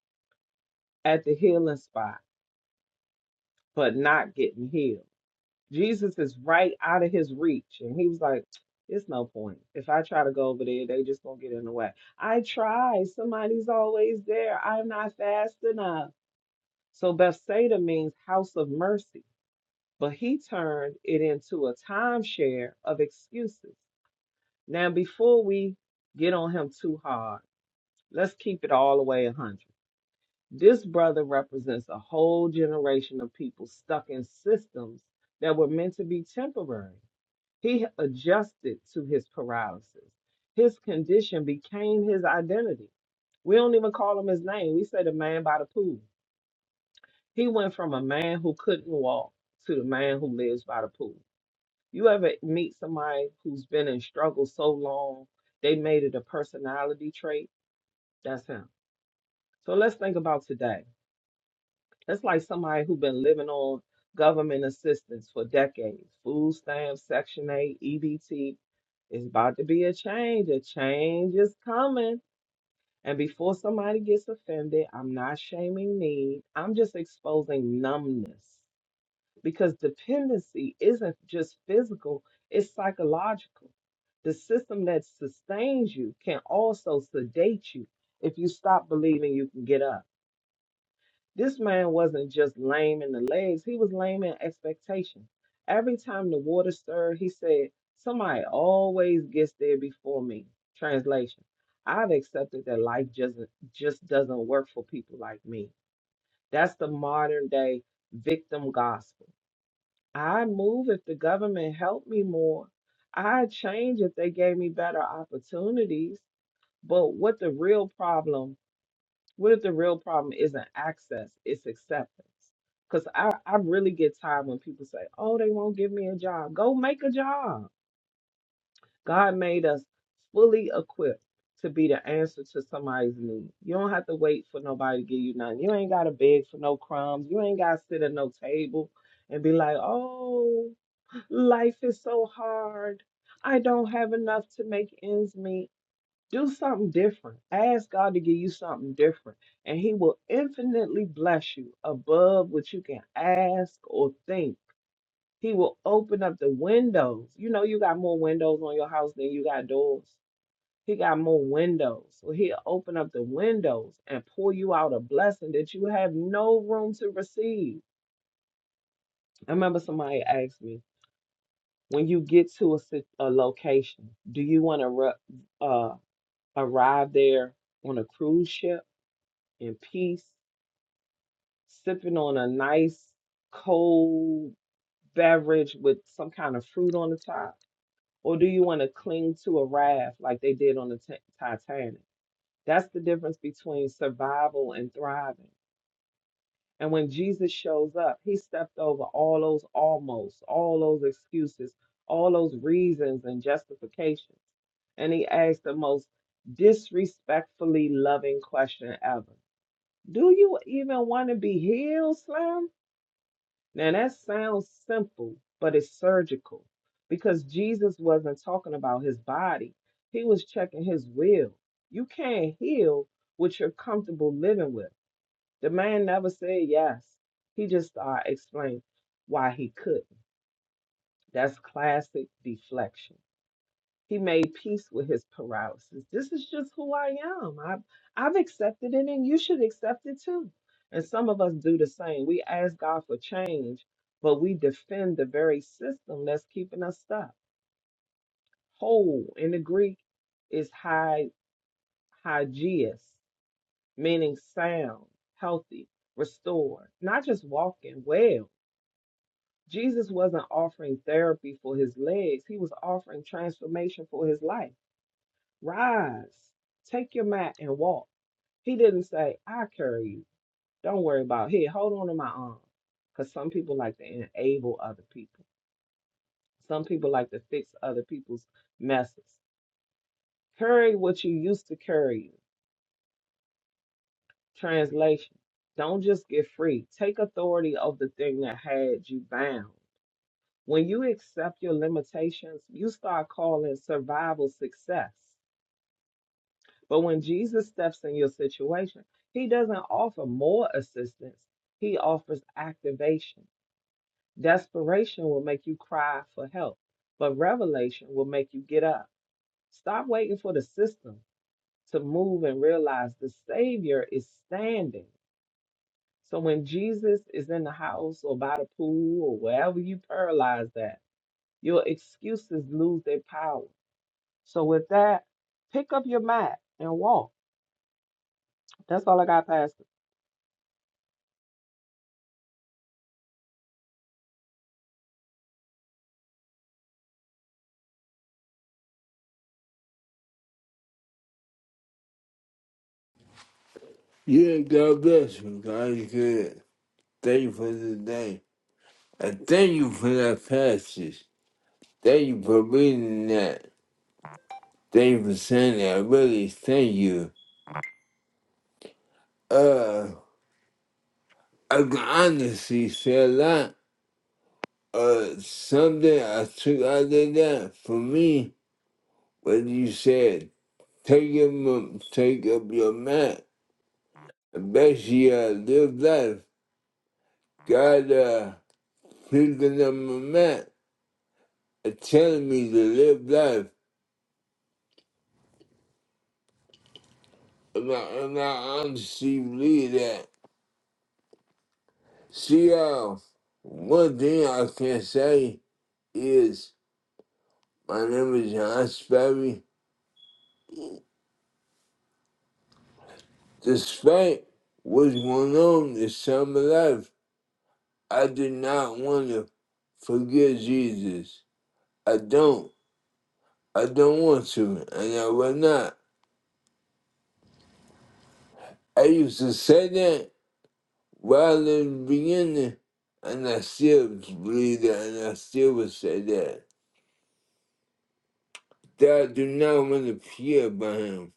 Speaker 3: at the healing spot, but not getting healed. Jesus is right out of his reach. And he was like, it's no point. If I try to go over there, they just gonna get in the way. I try. Somebody's always there. I'm not fast enough. So Bethsaida means house of mercy. But he turned it into a timeshare of excuses. Now, before we get on him too hard, let's keep it all the way 100. This brother represents a whole generation of people stuck in systems that were meant to be temporary he adjusted to his paralysis. His condition became his identity. We don't even call him his name. We say the man by the pool. He went from a man who couldn't walk to the man who lives by the pool. You ever meet somebody who's been in struggle so long, they made it a personality trait? That's him. So let's think about today That's like somebody who's been living on government assistance for decades. Food stamps, Section 8, EBT. It's about to be a change. A change is coming. And before somebody gets offended, I'm not shaming need. I'm just exposing numbness because dependency isn't just physical, it's psychological. The system that sustains you can also sedate you if you stop believing you can get up. This man wasn't just lame in the legs, he was lame in expectation. Every time the water stirred, he said, Somebody always gets there before me. Translation I've accepted that life just, just doesn't work for people like me. That's the modern day victim gospel. I'd move if the government helped me more. I'd change if they gave me better opportunities. But what the real problem what if the real problem isn't access, it's acceptance? Because I, I really get tired when people say, oh, they won't give me a job. Go make a job. God made us fully equipped to be the answer to somebody's need. You don't have to wait for nobody to give you nothing. You ain't got to beg for no crumbs. You ain't got to sit at no table and be like, oh, life is so hard. I don't have enough to make ends meet. Do something different. Ask God to give you something different, and He will infinitely bless you above what you can ask or think. He will open up the windows. You know, you got more windows on your house than you got doors. He got more windows. So he'll open up the windows and pour you out a blessing that you have no room to receive. I remember somebody asked me, when you get to a, sit- a location, do you want to uh, arrive there on a cruise ship? in peace, sipping on a nice cold beverage with some kind of fruit on the top? Or do you want to cling to a raft like they did on the Ti- Titanic? That's the difference between survival and thriving. And when Jesus shows up, he stepped over all those almost, all those excuses, all those reasons and justifications. And he asked the most disrespectfully loving question ever. Do you even want to be healed, Slim? Now that sounds simple, but it's surgical because Jesus wasn't talking about his body. He was checking his will. You can't heal what you're comfortable living with. The man never said yes. He just uh, explained why he couldn't. That's classic deflection. He made peace with his paralysis. This is just who I am. I've, I've accepted it, and you should accept it too. And some of us do the same. We ask God for change, but we defend the very system that's keeping us stuck. Whole in the Greek is hy, hygeus, meaning sound, healthy, restored, not just walking well. Jesus wasn't offering therapy for his legs, he was offering transformation for his life. Rise, take your mat and walk. He didn't say, I carry you. Don't worry about it. Here, hold on to my arm. Because some people like to enable other people. Some people like to fix other people's messes. Carry what you used to carry. Translation. Don't just get free. Take authority of the thing that had you bound. When you accept your limitations, you start calling survival success. But when Jesus steps in your situation, he doesn't offer more assistance, he offers activation. Desperation will make you cry for help, but revelation will make you get up. Stop waiting for the system to move and realize the Savior is standing. So when Jesus is in the house or by the pool or wherever you paralyze that, your excuses lose their power. So with that, pick up your mat and walk. That's all I got, Pastor.
Speaker 2: Yeah, God bless you. God is good. Thank you for the day. And thank you for that passage. Thank you for reading that. Thank you for saying that. Really, thank you. Uh, I can honestly say a lot uh, something I took out of that for me What you said take him take up your mat. And basically I live life. God uh picking up my mat and telling me to live life. And I and I honestly believe that. See how one thing I can say is my name is John Sperry. Despite what's going on in summer life. I do not want to forget Jesus. I don't. I don't want to, and I will not. I used to say that while in the beginning, and I still believe that, and I still would say that. That I do not want to fear by him.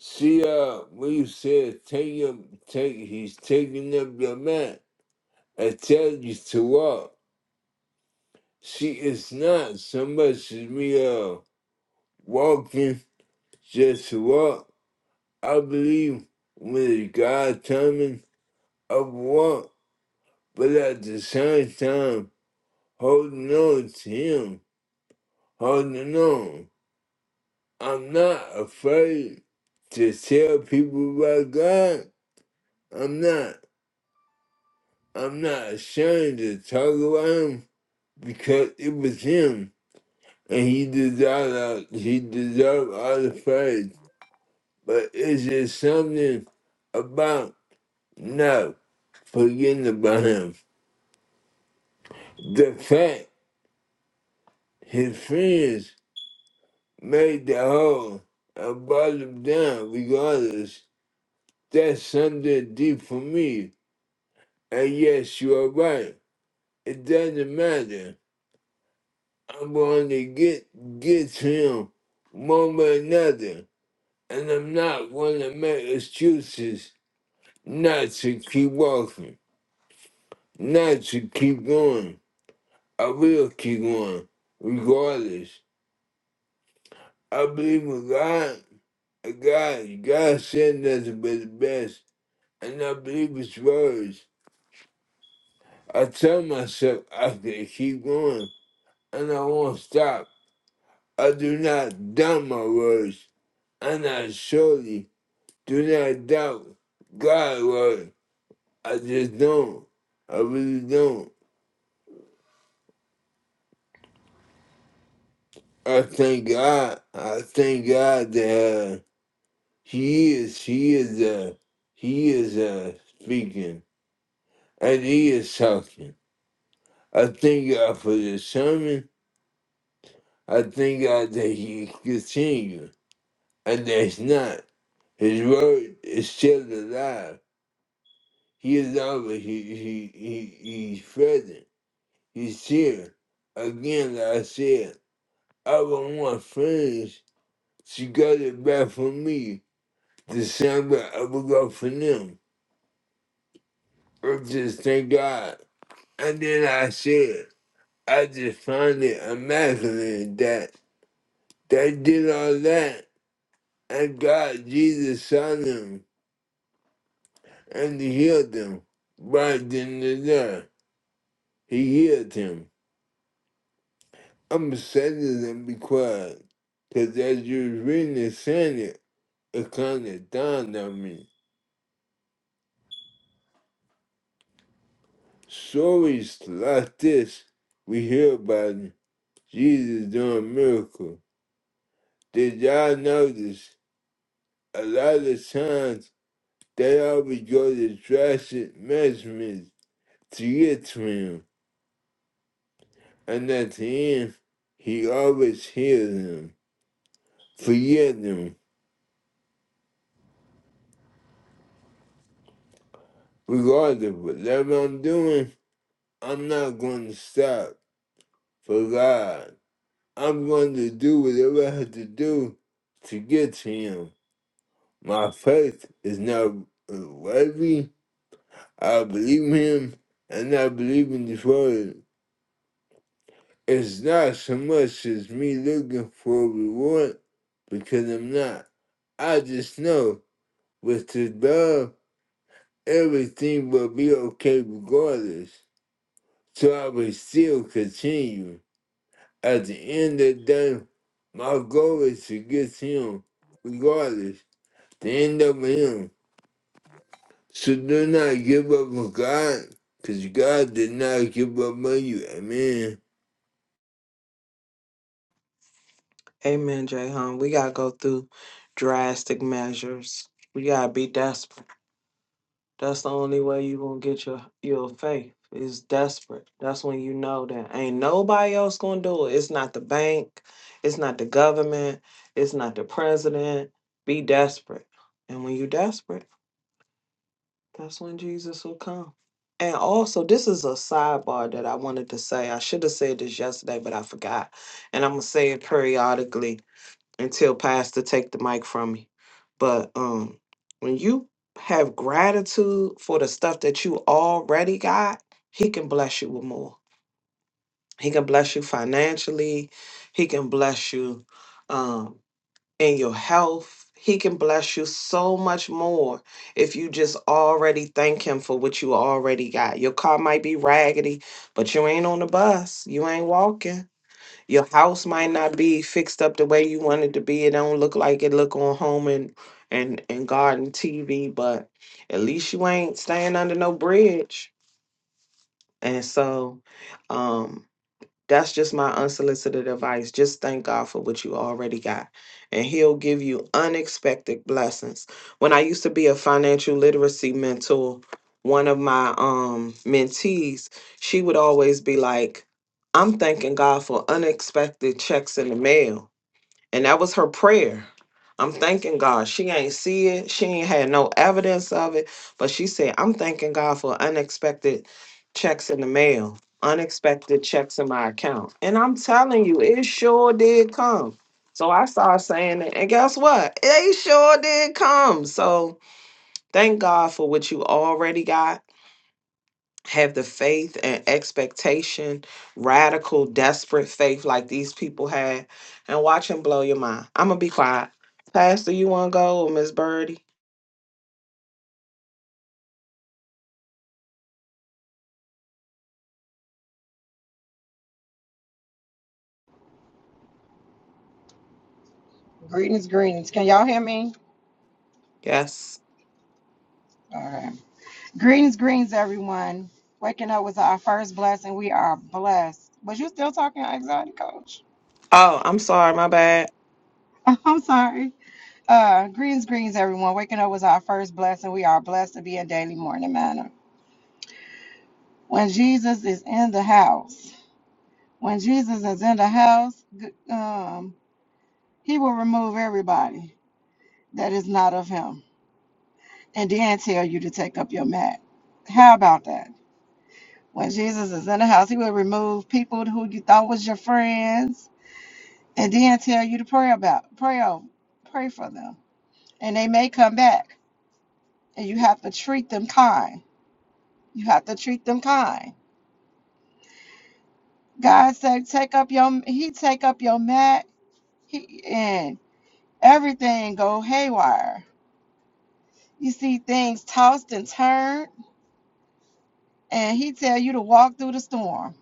Speaker 2: See, uh, when you said take up, take, he's taking up your mat. I tell you to walk. See, it's not so much as me uh walking just to walk. I believe when it's God's timing I walk, but at the same time, holding on to Him, holding on. I'm not afraid to tell people about God. I'm not. I'm not ashamed to talk about Him because it was Him, and He deserved. all- He deserved all the praise. But it's just something about not forgetting about Him. The fact his friends made the hole and brought him down regardless, that's something deep for me. And yes, you are right. It doesn't matter. I'm going to get get to him one way or another. And I'm not going to make excuses not to keep walking, not to keep going. I will keep going, regardless. I believe in God. God, God sent us but the best, and I believe His words. I tell myself I can keep going, and I won't stop. I do not doubt my words, and I surely do not doubt God's word. I just don't. I really don't. I thank God. I thank God that uh, He is. He is. Uh, he is uh, speaking, and He is talking. I thank God for the sermon. I thank God that He continue and that it's not. His word is still alive. He is always he he, he he's present. He's here. Again, like I said, I would want friends to go it bat for me. The same way I would go for them. I just thank God. And then I said, I just find it immaculate that they did all that And God, Jesus saw them and he healed them. Right then and there, he healed him. I'm excited and be quiet, 'cause as you was reading and saying it, it kind of dawned on me. Stories like this, we hear about it. Jesus doing a miracle. Did y'all notice? A lot of times, they always go to drastic measurements to get to him and at the end, he always hears them, forgive them, regardless of whatever I'm doing. I'm not going to stop for God. I'm going to do whatever I have to do to get to Him. My faith is not worthy. I believe in Him, and I believe in His Word. It's not so much as me looking for a reward, because I'm not. I just know with His love everything will be okay regardless. So I will still continue. At the end of the day, my goal is to get to him regardless, to end up with him. So do not give up on God, because God did not give up on you. Amen.
Speaker 3: Amen, Jay Hum. We gotta go through drastic measures. We gotta be desperate. That's the only way you gonna get your your faith is desperate. That's when you know that ain't nobody else gonna do it. It's not the bank, it's not the government, it's not the president. Be desperate. And when you desperate, that's when Jesus will come. And also, this is a sidebar that I wanted to say. I should have said this yesterday, but I forgot. And I'm gonna say it periodically until pastor take the mic from me but um when you have gratitude for the stuff that you already got he can bless you with more he can bless you financially he can bless you um in your health he can bless you so much more if you just already thank him for what you already got. Your car might be raggedy, but you ain't on the bus. You ain't walking your house might not be fixed up the way you want it to be. It don't look like it look on home and and and garden TV, but at least you ain't staying under no bridge. And so, um, that's just my unsolicited advice. Just thank God for what you already got, and He'll give you unexpected blessings. When I used to be a financial literacy mentor, one of my um, mentees, she would always be like, I'm thanking God for unexpected checks in the mail and that was her prayer. I'm thanking God. She ain't see it. She ain't had no evidence of it. But she said, I'm thanking God for unexpected checks in the mail, unexpected checks in my account. And I'm telling you, it sure did come. So I started saying it. And guess what? It sure did come. So thank God for what you already got have the faith and expectation, radical, desperate faith like these people had, and watch him blow your mind. I'm gonna be quiet. Pastor, you wanna go or Miss Birdie?
Speaker 4: Greetings, greetings. Can y'all hear me?
Speaker 3: Yes.
Speaker 4: All right. Greetings, greetings, everyone. Waking up was our first blessing. We are blessed. Was you still talking, anxiety coach?
Speaker 3: Oh, I'm sorry, my bad.
Speaker 4: [laughs] I'm sorry. Uh, greetings, greetings, everyone. Waking up was our first blessing. We are blessed to be in daily morning manner. When Jesus is in the house, when Jesus is in the house, g- um, he will remove everybody that is not of him and then tell you to take up your mat. How about that? When Jesus is in the house, he will remove people who you thought was your friends and then tell you to pray about, pray over, pray for them. And they may come back and you have to treat them kind. You have to treat them kind. God said, take up your, he take up your mat he, and everything go haywire. You see things tossed and turned and he tell you to walk through the storm.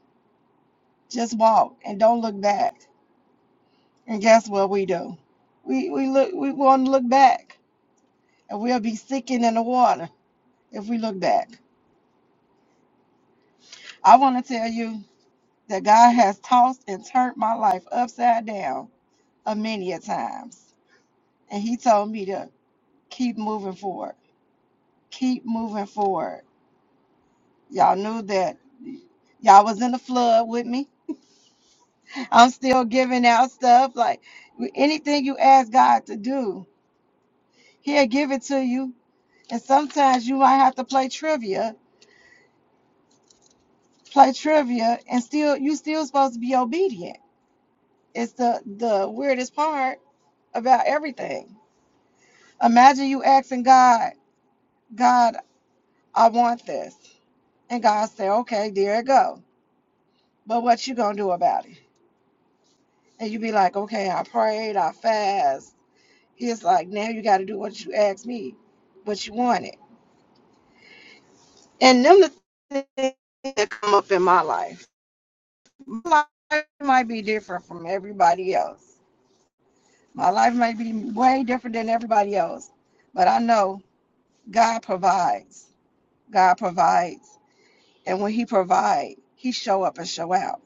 Speaker 4: Just walk and don't look back. And guess what we do? We, we look, we want to look back and we'll be sinking in the water if we look back. I want to tell you that God has tossed and turned my life upside down a many a times. And he told me to keep moving forward. Keep moving forward. Y'all knew that y'all was in the flood with me. I'm still giving out stuff like anything you ask God to do, He'll give it to you. And sometimes you might have to play trivia, play trivia, and still you still supposed to be obedient It's the the weirdest part about everything. Imagine you asking God, God, I want this, and God say, Okay, there it go. But what you gonna do about it? And you be like, Okay, I prayed, I fast. It's like now you got to do what you asked me, but you want it. And them the things that come up in my life. My life might be different from everybody else. My life might be way different than everybody else, but I know God provides. God provides. And when he provides, he show up and show out.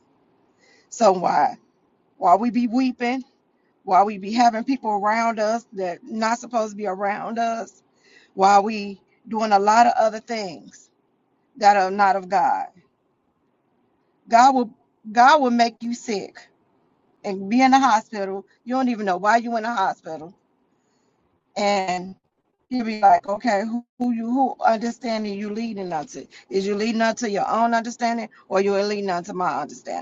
Speaker 4: So why? While we be weeping, while we be having people around us that not supposed to be around us, while we doing a lot of other things that are not of God. God will God will make you sick and be in the hospital. You don't even know why you in the hospital. And you'll be like, okay, who, who you who understanding you leading unto? Is you leading unto your own understanding or you leading unto my understanding?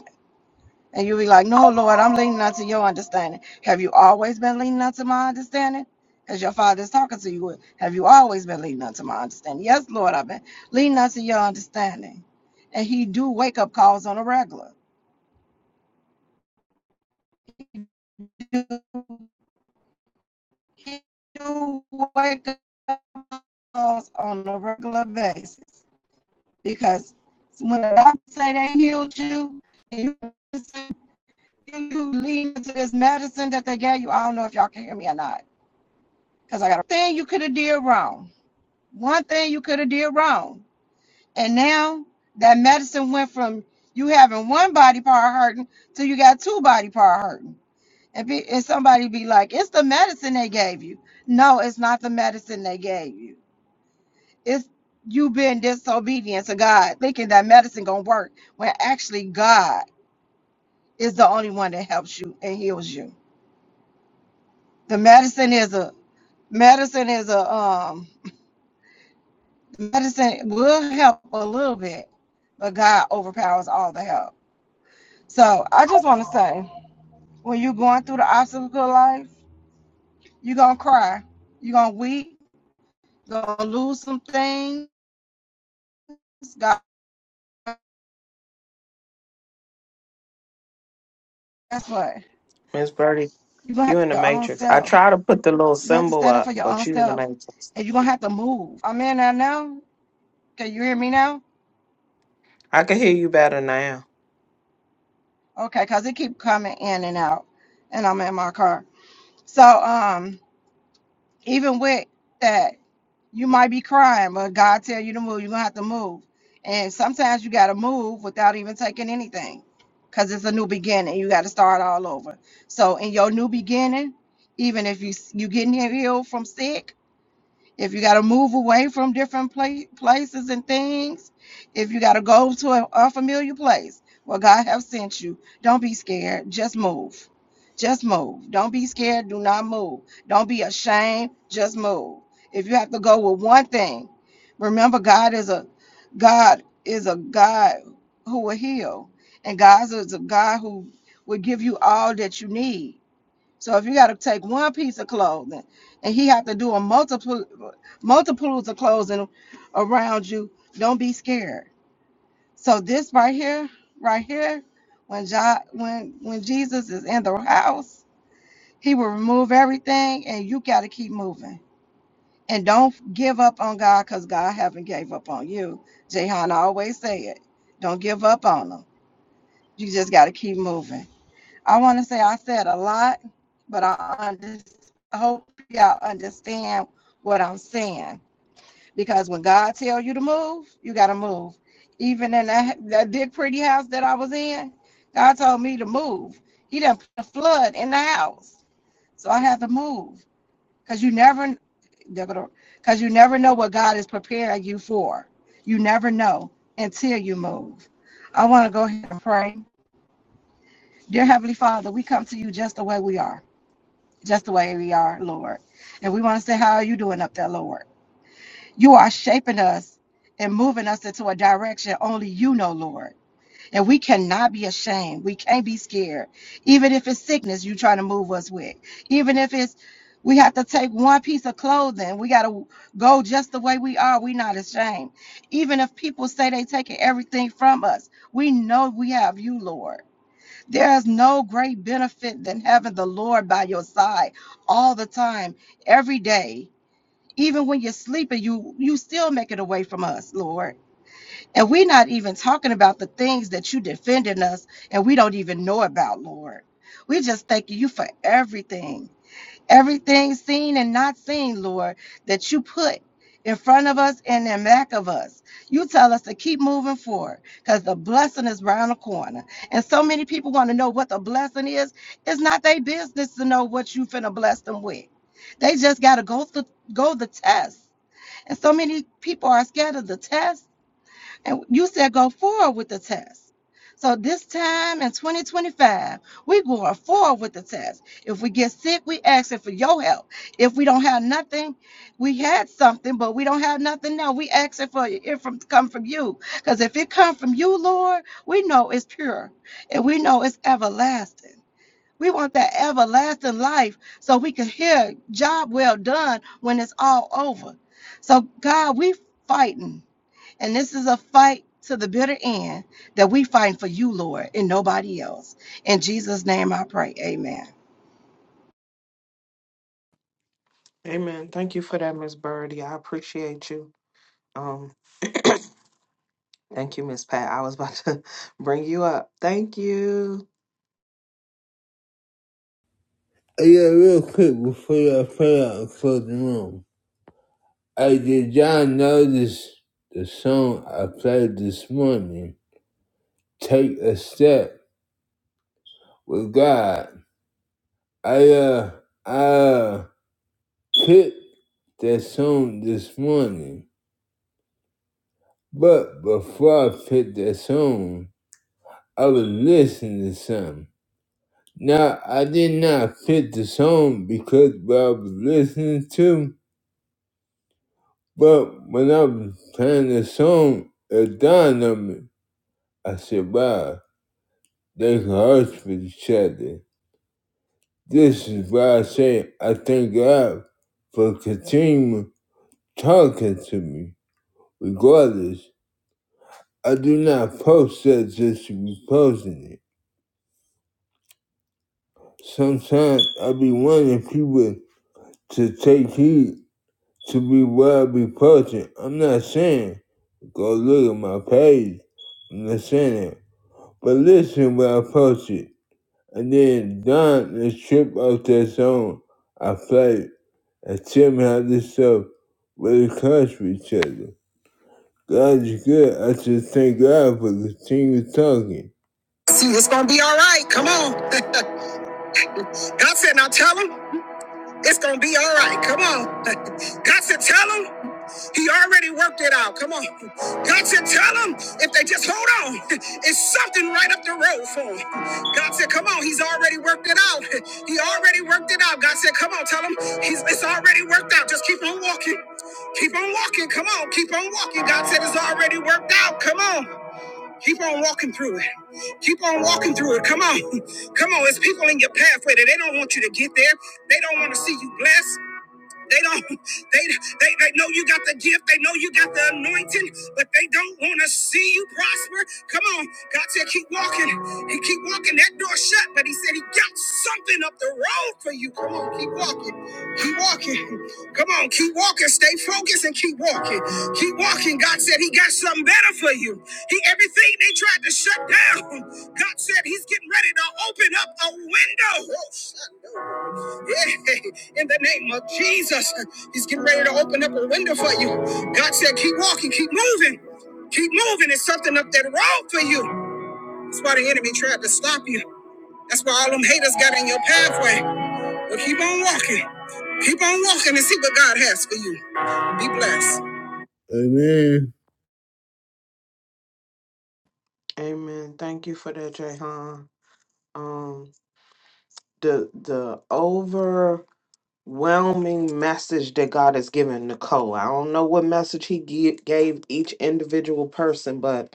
Speaker 4: And you'll be like, No, Lord, I'm leaning onto your understanding. Have you always been leaning onto my understanding? As your father is talking to you, have you always been leaning onto my understanding? Yes, Lord, I've been leaning onto your understanding. And he do wake up calls on a regular. He do, he do wake up calls on a regular basis. Because when the doctor say they healed you, and you, you lean to this medicine that they gave you, I don't know if y'all can hear me or not Because I got a thing you could have did wrong. One thing you could have did wrong. And now that medicine went from you having one body part hurting to you got two body part hurting. And, be, and somebody be like, it's the medicine they gave you. No, it's not the medicine they gave you. It's you being disobedient to God, thinking that medicine gonna work when actually God is the only one that helps you and heals you. The medicine is a medicine is a um medicine will help a little bit, but God overpowers all the help. So I just want to say, when you're going through the obstacle of life, you're gonna cry, you're gonna weep, gonna lose some things. God, guess what?
Speaker 3: Miss Birdie,
Speaker 4: You're gonna have
Speaker 3: you
Speaker 4: to
Speaker 3: in the
Speaker 4: your own
Speaker 3: matrix. I
Speaker 4: self.
Speaker 3: try to put the little
Speaker 4: You gonna have to
Speaker 3: symbol
Speaker 4: stand up
Speaker 3: up,
Speaker 4: for your own
Speaker 3: but you in the
Speaker 4: self,
Speaker 3: matrix.
Speaker 4: and you're gonna have to move. I'm in there now. Can you hear me now?
Speaker 3: I can hear you better now.
Speaker 4: Okay, cause it keep coming in and out, and I'm in my car. So um, even with that you might be crying, but God tell you to move, you're gonna have to move. And sometimes you gotta move without even taking anything, cause it's a new beginning. You gotta start all over. So in your new beginning, even if you you getting healed from sick if you got to move away from different pla- places and things, if you got to go to an unfamiliar place where God have sent you, don't be scared. Just move. Just move. Don't be scared. Do not move. Don't be ashamed. Just move. If you have to go with one thing, remember God is a God is a God who will heal, and God is a God who will give you all that you need. So if you got to take one piece of clothing and he have to do a multiple multiples of clothing around you, don't be scared. So this right here, right here, when God, when when Jesus is in the house, he will remove everything and you got to keep moving. And don't give up on God because God haven't gave up on you. Jehan always say it. Don't give up on him. You just got to keep moving. I want to say I said a lot, but I under, hope y'all understand what I'm saying. Because when God tells you to move, you gotta move. Even in that, that big pretty house that I was in, God told me to move. He done put a flood in the house, so I had to move. Cause you never, cause you never know what God is preparing you for. You never know until you move. I want to go ahead and pray. Dear Heavenly Father, we come to you just the way we are just the way we are, Lord. And we want to say, How are you doing up there, Lord? You are shaping us and moving us into a direction only you know, Lord. And we cannot be ashamed. We can't be scared. Even if it's sickness you're trying to move us with, even if it's we have to take one piece of clothing. We got to go just the way we are. We're not ashamed. Even if people say they taking everything from us, we know we have you, Lord. There is no great benefit than having the Lord by your side all the time, every day. Even when you're sleeping, you you still make it away from us, Lord. And we're not even talking about the things that you defending us and we don't even know about, Lord. We just thank you for everything everything seen and not seen, Lord, that you put in front of us and in back of us. You tell us to keep moving forward because the blessing is round the corner. And so many people want to know what the blessing is. It's not their business to know what you finna bless them with. They just gotta go through go the test. And so many people are scared of the test and you said go forward with the test. So this time in 2025, we going forward with the test. If we get sick, we asking for your help. If we don't have nothing, we had something, but we don't have nothing now. We asking for it it from come from you. Because if it come from you, Lord, we know it's pure and we know it's everlasting. We want that everlasting life so we can hear job well done when it's all over. So God, we fighting. And this is a fight to the bitter end that we fight for you, Lord, and nobody else. In Jesus' name I pray. Amen.
Speaker 3: Amen. Thank you for that, Miss Birdie. I appreciate you. Um, thank you, Miss Pat. I was about to [laughs] bring you up. Thank you.
Speaker 2: Oh, yeah, real quick before y'all play out and close the room. Hey, did y'all notice the song I played this morning? Take a step with God. I uh I picked that song this morning, but before I picked that song, I was listening to some. Now I did not pick the song because what I was listening to, but when I was playing the song, it dawned on me. I said, "Wow, they can hurt with each other." This is why I say I thank God for continuing talking to me regardless. I do not post that just to be posting it. Sometimes I be wanting people to take heed to be what I be posting. I'm not saying go look at my page. I'm not saying that. But listen when I post it. And then Don the trip off that song I played and tell me how this stuff really comes to each other. God is good. I just thank God for continuing talking. See, it's gonna be all right. Come on. God said, now tell him it's gonna be all right. Come on. [laughs] God said, tell him he already worked it out. Come on. [laughs] God said, tell him if they just hold on, [laughs] it's something right up the road for him. [laughs] God said, come on, he's already worked it out. [laughs] He already worked it out. God said, come on, tell him he's, it's already worked out. Just keep on walking. Keep on walking. Come on. Keep on walking. God said it's already worked out. Come on. Keep on walking through it. Keep on walking through it. Come on. [laughs] Come on. There's people in your pathway that they don't want you to get there. They don't want to see you blessed. They don't, they, they, they know you got the gift, they know you got the anointing, but they don't want to see you prosper. Come on, God said, keep walking and keep walking. That door shut, but He said, He got something up the road for you. Come on, keep walking, keep walking. Come on, keep walking, stay focused and keep walking, keep walking. God said, He got something better for you. He Everything they tried to shut down, God said, He's getting ready to open up a window. Oh, shut up in the name of Jesus. He's getting ready to open up a window for you. God said, keep walking, keep moving, keep moving. There's something up that road for you. That's why the enemy tried to stop you. That's why all them haters got in your pathway. But keep on walking. Keep on walking and see what God has for you. Be blessed. Amen.
Speaker 3: Amen. Thank you for that, Jay um the the overwhelming message that God has given Nicole. I don't know what message he gi- gave each individual person, but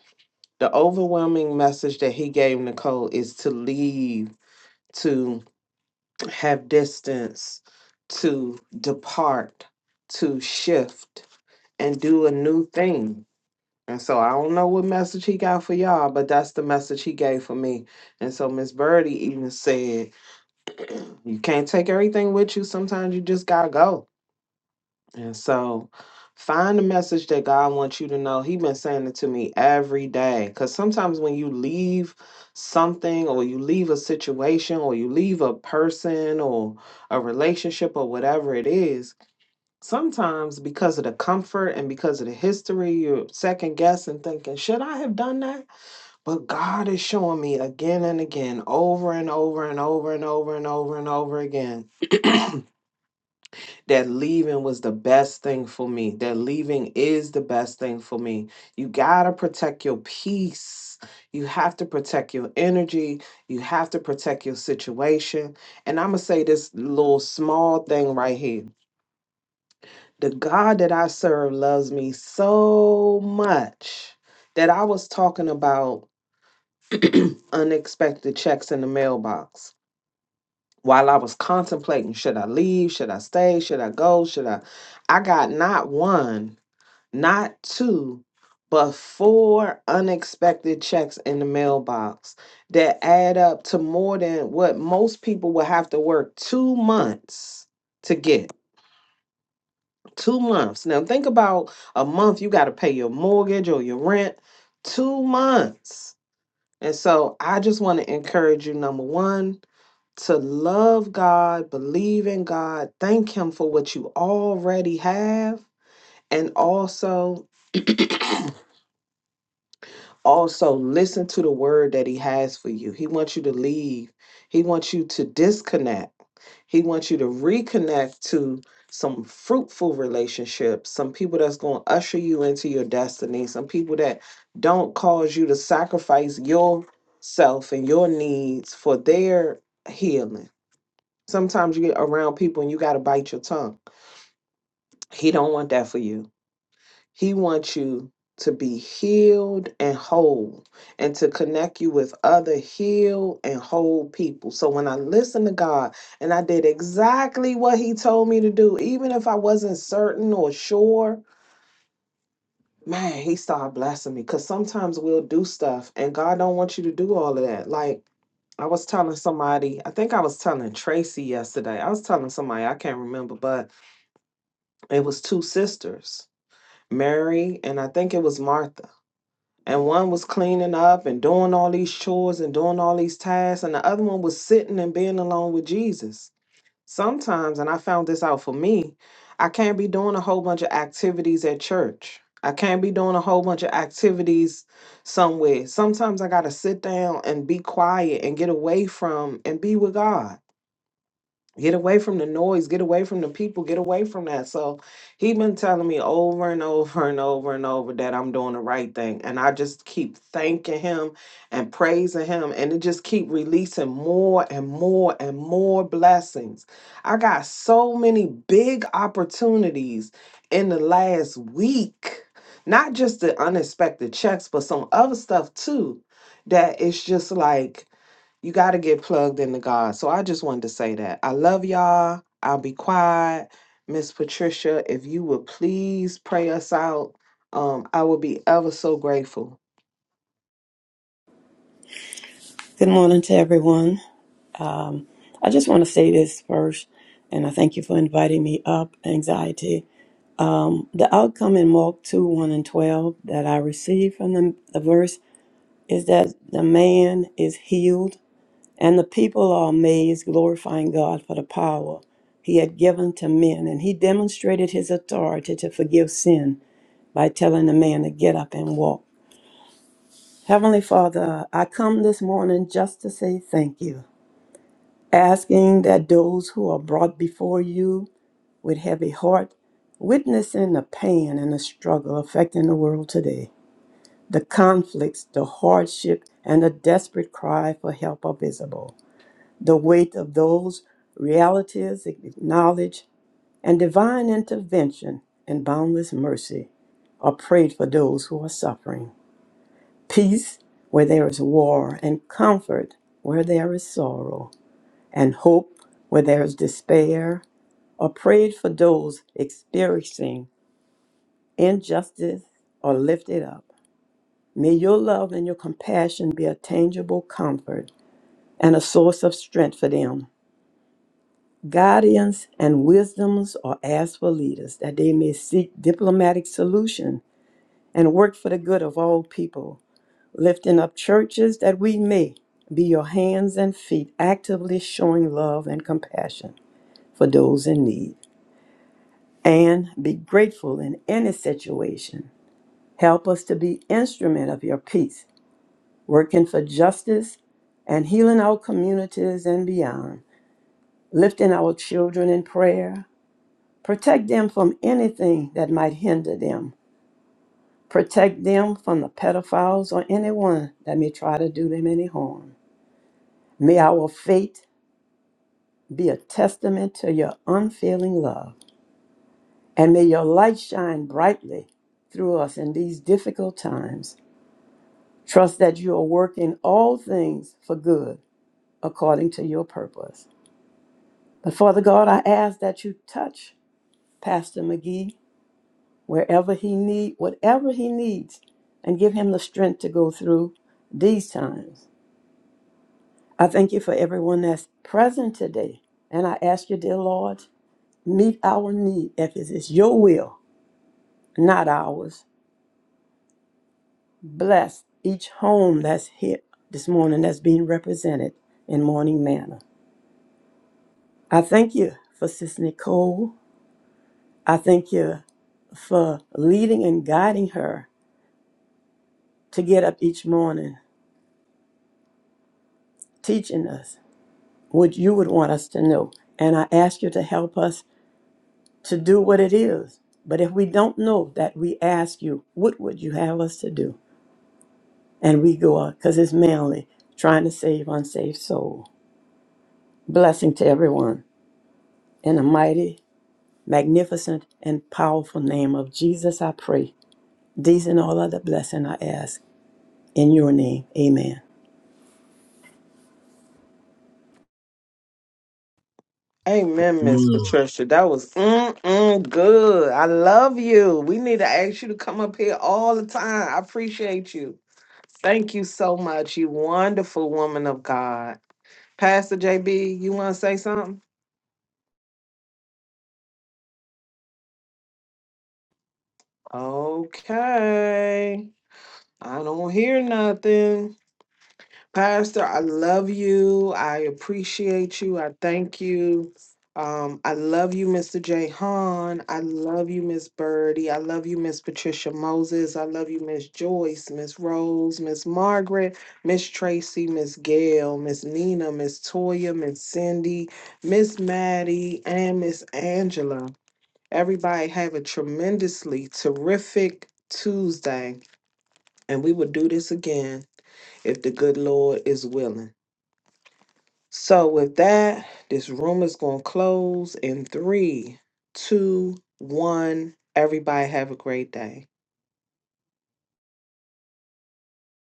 Speaker 3: the overwhelming message that he gave Nicole is to leave, to have distance, to depart, to shift and do a new thing. And so I don't know what message he got for y'all, but that's the message he gave for me. And so Miss Birdie even said you can't take everything with you. Sometimes you just gotta go. And so find the message that God wants you to know. He been saying it to me every day. Cause sometimes when you leave something or you leave a situation or you leave a person or a relationship or whatever it is, sometimes because of the comfort and because of the history, you're second guessing thinking, should I have done that? But God is showing me again and again, over and over and over and over and over and over again that leaving was the best thing for me. That leaving is the best thing for me. You got to protect your peace. You have to protect your energy. You have to protect your situation. And I'm going to say this little small thing right here. The God that I serve loves me so much that I was talking about unexpected checks in the mailbox while I was contemplating should I leave? Should I stay? Should I go? Should I? I got not one not two, but four unexpected checks in the mailbox that add up to more than what most people would have to work two months to get. Two months. Now, think about a month you got to pay your mortgage or your rent. Two months. And so, I just want to encourage you number one, to love God, believe in God, thank Him for what you already have, and also also listen to the word that he has for you. He wants you to leave. He wants you to disconnect. He wants you to reconnect to some fruitful relationships, some people that's going to usher you into your destiny, some people that don't cause you to sacrifice yourself and your needs for their healing. Sometimes you get around people and you got to bite your tongue. He don't want that for you. He wants you to be healed and whole and to connect you with other healed and whole people. So when I listened to God and I did exactly what He told me to do, even if I wasn't certain or sure, man, He started blessing me. Because sometimes we'll do stuff and God don't want you to do all of that. Like, I was telling somebody, I think I was telling Tracy yesterday. I was telling somebody, I can't remember, but it was two sisters, Mary and I think it was Martha and one was cleaning up and doing all these chores and doing all these tasks and the other one was sitting and being alone with jesus sometimes and i found this out for me i can't be doing a whole bunch of activities at church i can't be doing a whole bunch of activities somewhere sometimes i gotta sit down and be quiet and get away from and be with god Get away from the noise, get away from the people, get away from that. So he been telling me over and over and over and over that I'm doing the right thing. And I just keep thanking him and praising him. And it just keep releasing more and more and more blessings. I got so many big opportunities in the last week. Not just the unexpected checks, but some other stuff too. That it's just like you got to get plugged into God. So I just wanted to say that. I love y'all. I'll be quiet. Miss Patricia, if you would please pray us out, um, I would be ever so grateful.
Speaker 5: Good morning to everyone. Um, I just want to say this first, and I thank you for inviting me up. Anxiety. The outcome in Mark 2 1 and 12 that I received from the, the verse is that the man is healed, and the people are amazed, glorifying God for the power he had given to men. And he demonstrated his authority to forgive sin by telling the man to get up and walk. Heavenly Father, I come this morning just to say thank you. asking that those who are brought before you with heavy heart, witnessing the pain and the struggle affecting the world today, the conflicts, the hardship, and the desperate cry for help are visible. The weight of those realities acknowledged and divine intervention and boundless mercy are prayed for those who are suffering. Peace where there is war, and comfort where there is sorrow, and hope where there is despair, or prayed for those experiencing injustice or lifted up. May your love and your compassion be a tangible comfort and a source of strength for them. Guidance and wisdoms are asked for leaders that they may seek diplomatic solution and work for the good of all people, lifting up churches that we may be your hands and feet actively showing love and compassion for those in need. And be grateful in any situation Help us to be instrument of your peace, working for justice and healing our communities and beyond, lifting our children in prayer. Protect them from anything that might hinder them. Protect them from the pedophiles or anyone that may try to do them any harm. May our faith be a testament to your unfailing love, and may your light shine brightly through us in these difficult times. Trust that you are working all things for good according to your purpose. But Father God, I ask that you touch Pastor McGee wherever he need, whatever he needs, and give him the strength to go through these times. I thank you for everyone that's present today. And I ask you, dear Lord, meet our need if it is your will, not ours. Bless each home that's here this morning that's being represented in morning manner. I thank you for Sis Nicole I thank you for leading and guiding her to get up each morning, teaching us what you would want us to know. And I ask you to help us to do what it is. But if we don't know that, we ask you, what would you have us to do? And we go out because it's mainly trying to save unsaved soul. Blessing to everyone. In the mighty, magnificent, and powerful name of Jesus, I pray. These and all other blessing I ask. In your name, amen.
Speaker 3: Amen, Miss Patricia. That was mm-mm good. I love you. We need to ask you to come up here all the time. I appreciate you. Thank you so much, you wonderful woman of God. Pastor JB, you want to say something? Okay. I don't hear nothing. Pastor, I love you. I appreciate you. I thank you. Um, I love you, Mr. Jay Hahn. I love you, Miss Birdie. I love you, Miss Patricia Moses. I love you, Miss Joyce, Miss Rose, Miss Margaret, Miss Tracy, Miss Gail, Miss Nina, Miss Toya, Miss Cindy, Miss Maddie, and Miss Angela. Everybody have a tremendously terrific Tuesday, and we will do this again if the good Lord is willing. So with that, this room is going to close in three, two, one. Everybody have a great day.